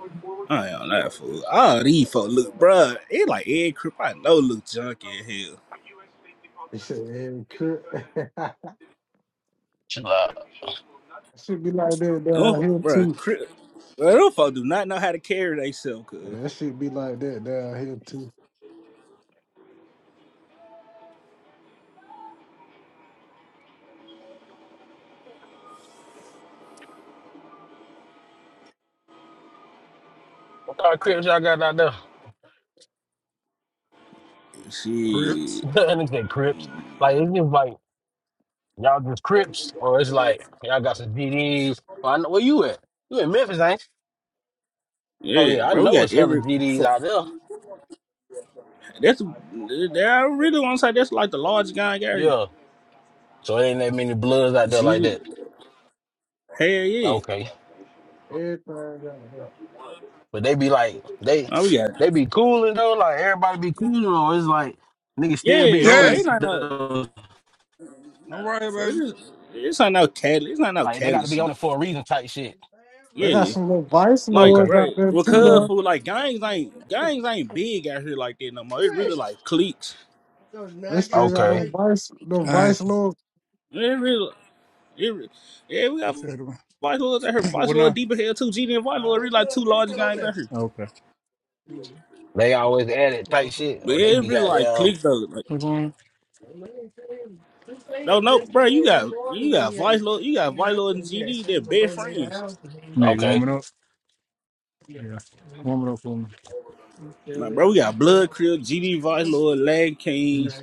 [SPEAKER 5] I ain't on that fool. All these folks look, bruh. It like every crip I know look junky as hell.
[SPEAKER 4] He said, "Every crit." [LAUGHS]
[SPEAKER 2] chill out.
[SPEAKER 4] should be like that down
[SPEAKER 5] Oh,
[SPEAKER 4] here
[SPEAKER 5] bro,
[SPEAKER 4] too.
[SPEAKER 5] Chris, bro, them folks do not know how to carry themselves. Cause
[SPEAKER 4] That should be like that down here too.
[SPEAKER 2] What kind of crips y'all got out there?
[SPEAKER 3] Crips.
[SPEAKER 5] shit,
[SPEAKER 2] [LAUGHS] Anything crips? Like it's just like y'all just crips, or it's like y'all got some GDs. Well, I know where you at. You in Memphis, ain't? you? Oh
[SPEAKER 5] yeah,
[SPEAKER 2] yeah, I
[SPEAKER 5] bro, we
[SPEAKER 2] know
[SPEAKER 5] got
[SPEAKER 2] it's hella
[SPEAKER 5] every.
[SPEAKER 2] GDs
[SPEAKER 5] fo-
[SPEAKER 2] out there.
[SPEAKER 5] That's that I really want to say that's like the largest gang area.
[SPEAKER 2] Yeah, so ain't that many bloods out there like
[SPEAKER 5] Shit,
[SPEAKER 2] that.
[SPEAKER 5] hell yeah,
[SPEAKER 2] Okay.
[SPEAKER 4] Everything out there.
[SPEAKER 2] But they be like, they
[SPEAKER 5] oh, we got
[SPEAKER 2] they be cooling though. Like everybody be cooling though. It's like niggas still be
[SPEAKER 5] yeah,
[SPEAKER 2] on
[SPEAKER 5] bro.
[SPEAKER 2] it
[SPEAKER 5] It's
[SPEAKER 3] Yes.
[SPEAKER 5] not no,
[SPEAKER 2] though.
[SPEAKER 3] I'm
[SPEAKER 5] nah,
[SPEAKER 3] right here,
[SPEAKER 5] for-
[SPEAKER 3] baby.
[SPEAKER 5] it's, it's not no Cali, it's not no
[SPEAKER 2] Like they got
[SPEAKER 5] Cali
[SPEAKER 2] to be on
[SPEAKER 5] shit.
[SPEAKER 2] it for a reason type shit.
[SPEAKER 4] They got
[SPEAKER 5] Yeah,
[SPEAKER 4] some little vice
[SPEAKER 5] like
[SPEAKER 2] Okay,
[SPEAKER 4] lords
[SPEAKER 5] bro,
[SPEAKER 4] out there too,
[SPEAKER 5] because
[SPEAKER 3] Yeah.
[SPEAKER 4] though.
[SPEAKER 5] for like gangs ain't gangs ain't big out here like that no more. It's really like cliques.
[SPEAKER 4] They still got no
[SPEAKER 2] okay.
[SPEAKER 4] vice, no vice
[SPEAKER 3] Thank you.
[SPEAKER 4] little.
[SPEAKER 5] It really, it, re- yeah, we
[SPEAKER 3] You
[SPEAKER 5] got
[SPEAKER 3] said it.
[SPEAKER 5] Vitalo's out here.
[SPEAKER 3] [CLEARS THROAT] What
[SPEAKER 5] Vitalo
[SPEAKER 3] now?
[SPEAKER 5] deep in here too. GD and Vitalo are really like two large gangs out here.
[SPEAKER 3] Oh,
[SPEAKER 2] They always add it type shit,
[SPEAKER 5] But
[SPEAKER 2] or they
[SPEAKER 5] it
[SPEAKER 2] be
[SPEAKER 5] really like
[SPEAKER 2] goddamn.
[SPEAKER 5] click though. Like no no bro, you got you got Vitalo you got Vitalo and GD, they're best friends.
[SPEAKER 3] need
[SPEAKER 2] Okay,
[SPEAKER 3] warming up. Yeah. warming up for me.
[SPEAKER 5] Like bro, we got Blood Crib, GD Vitalo, Lag Kings,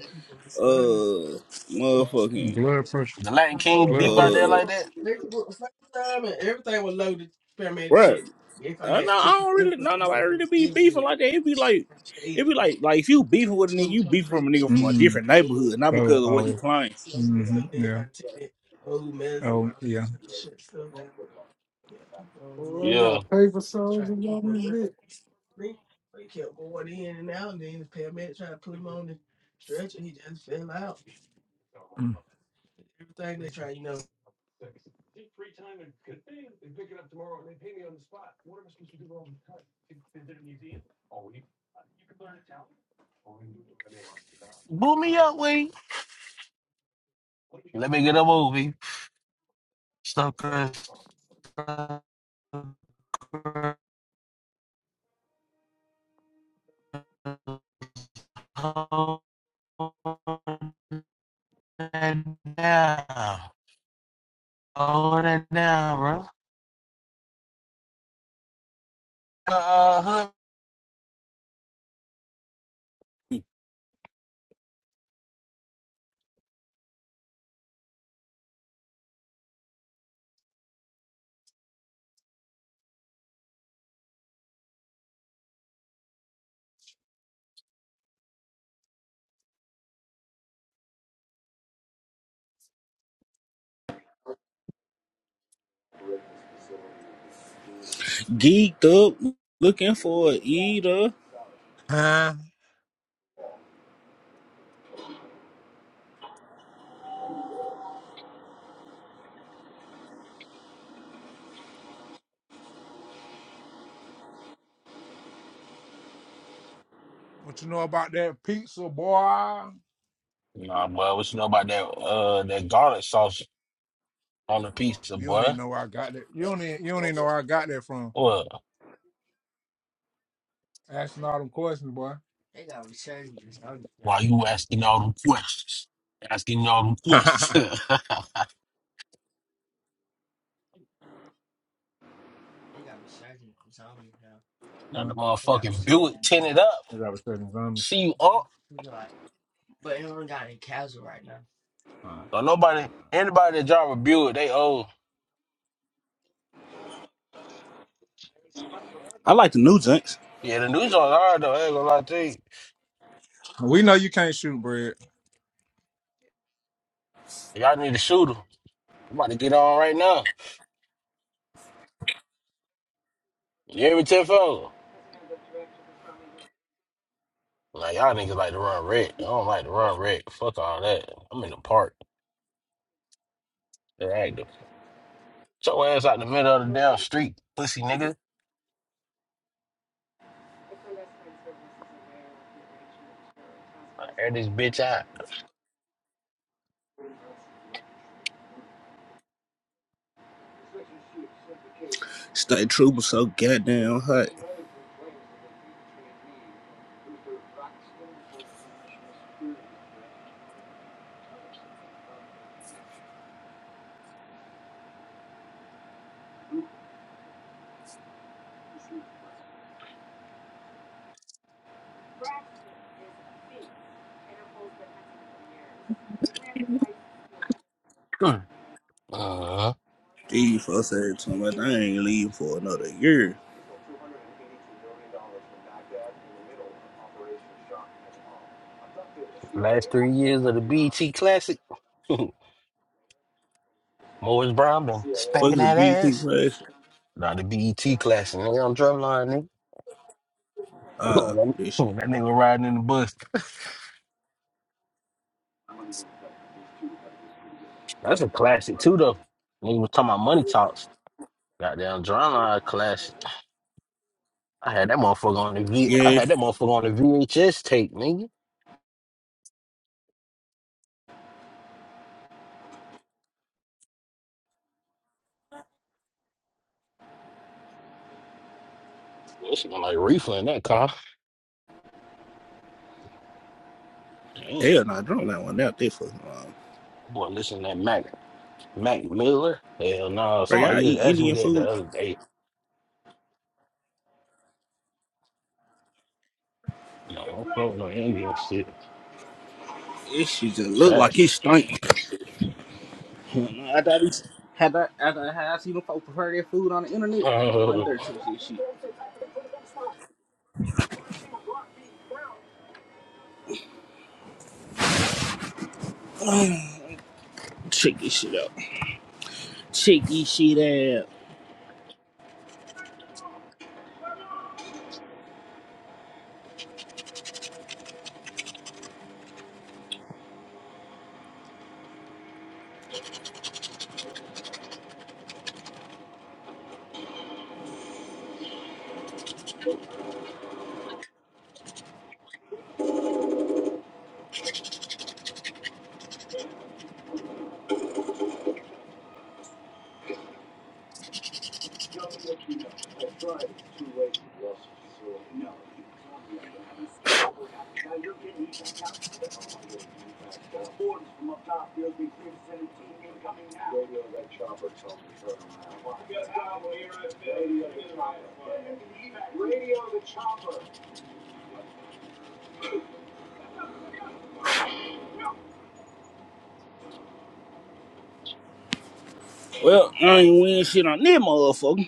[SPEAKER 5] uh motherfucking
[SPEAKER 3] Blood pressure.
[SPEAKER 2] the Latin King
[SPEAKER 3] Blood
[SPEAKER 2] deep out
[SPEAKER 3] pressure.
[SPEAKER 2] there
[SPEAKER 5] uh
[SPEAKER 2] like that.
[SPEAKER 5] bro. I no, I don't really no nobody really be beefing like that. it be like it be like like if you beefing with a nigga, you beefing from a nigga from a different neighborhood, not because of what he claimed.
[SPEAKER 4] Oh, they
[SPEAKER 2] Yeah,
[SPEAKER 4] got paper soldiers on this bitch.
[SPEAKER 3] Mm.
[SPEAKER 2] boot me up, we. Let me get a movie. Stuck hold it down, hold it down, bro. Uh, huh.
[SPEAKER 5] Geeked up, looking for a eater.
[SPEAKER 3] Huh? What you know about that pizza, boy?
[SPEAKER 2] Nah, boy, what you know about that uh that garlic sauce on the pizza,
[SPEAKER 3] You don't
[SPEAKER 2] boy?
[SPEAKER 3] even know where I got that. You don't even, you don't even know where I got that from.
[SPEAKER 2] Well,
[SPEAKER 3] Asking all them questions, boy. They They got got zombies zombies
[SPEAKER 2] why you asking all them questions? Asking all them
[SPEAKER 3] now. [LAUGHS]
[SPEAKER 2] questions. [LAUGHS]
[SPEAKER 3] They got me searching for zombies now.
[SPEAKER 2] Now
[SPEAKER 3] huh?
[SPEAKER 2] the
[SPEAKER 3] They got
[SPEAKER 2] motherfucking
[SPEAKER 3] zombies.
[SPEAKER 2] Buick
[SPEAKER 3] zombies.
[SPEAKER 2] tinted up.
[SPEAKER 3] They got got But a certain zombie.
[SPEAKER 2] See you up.
[SPEAKER 3] Uh,
[SPEAKER 2] So nobody, anybody that drive a Buick, they old.
[SPEAKER 5] I like the new joints.
[SPEAKER 2] Yeah, the new joint's hard though. I ain't gonna lie to you.
[SPEAKER 3] we know you can't shoot, bread.
[SPEAKER 2] Y'all need to shoot 'em. I'm about to get on right now. You hear me, Tenfold? Like y'all niggas like to run red. I don't like to run red. Fuck all that. I'm in the park. All right. So ass out the middle of the damn street, pussy nigga. I air this bitch out.
[SPEAKER 5] Stay true, but so goddamn hot.
[SPEAKER 2] Uh-huh.
[SPEAKER 5] These folks said to me, I ain't leaving for another year.
[SPEAKER 2] Last three years of the BET Classic. [LAUGHS] Morris Brown been
[SPEAKER 5] Fuck
[SPEAKER 2] spanking
[SPEAKER 5] the
[SPEAKER 2] that
[SPEAKER 5] BP
[SPEAKER 2] ass.
[SPEAKER 5] class.
[SPEAKER 2] Not the BET Classic, nigga. I'm drumline, nigga. [LAUGHS]
[SPEAKER 5] Uh,
[SPEAKER 2] Oh, That
[SPEAKER 5] this shit.
[SPEAKER 2] oh, that nigga riding in the bus. [LAUGHS] That's a classic, too, though. Nigga was talking about money talks. Goddamn drumline classic. I had that motherfucker on the V. I
[SPEAKER 5] Yeah,
[SPEAKER 2] had that motherfucker on the VHS tape, nigga. Listen, like reefer in that car. Damn,
[SPEAKER 5] hell no, I don't like one out there for long.
[SPEAKER 2] boy, listen to that Mac Mac Miller. Hell no,
[SPEAKER 5] Bro, y'all
[SPEAKER 2] somebody just
[SPEAKER 5] eat
[SPEAKER 2] asked me
[SPEAKER 5] Indian
[SPEAKER 2] that the
[SPEAKER 5] food?
[SPEAKER 2] other day. You know, I'm floating no Indian shit.
[SPEAKER 5] This shit just look like it
[SPEAKER 2] Facts.
[SPEAKER 5] stink. [LAUGHS] I thought it's, had I, after how I seen them folks prepare their food on the internet, I
[SPEAKER 2] Uh,
[SPEAKER 5] wonder to this shit. Check this shit out. Check this shit out. Well, I ain't win shit on this motherfucker.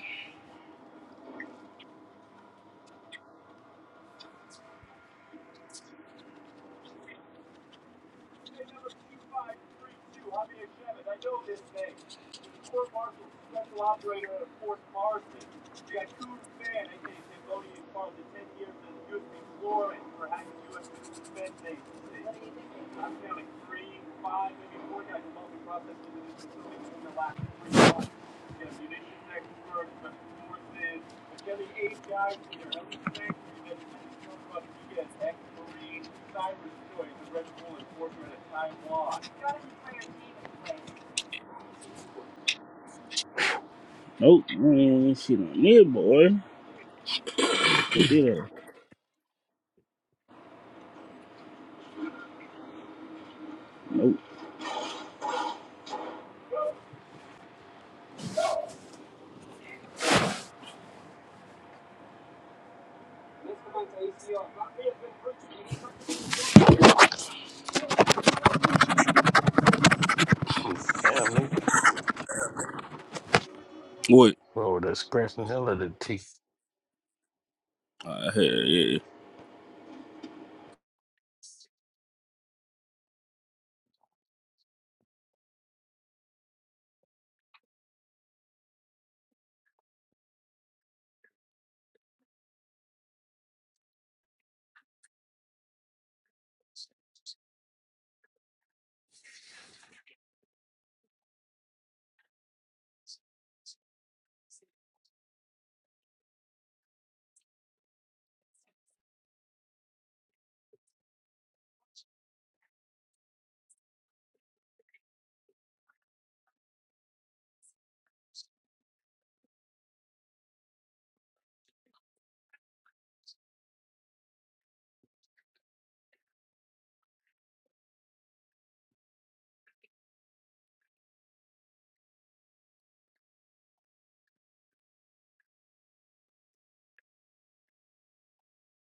[SPEAKER 5] Nope. I ain't even shit on there, boy. I did that. Nope.
[SPEAKER 2] [LAUGHS] damn, nigga.
[SPEAKER 5] What?
[SPEAKER 2] Bro, the scratching hell of the teeth.
[SPEAKER 5] I had, yeah,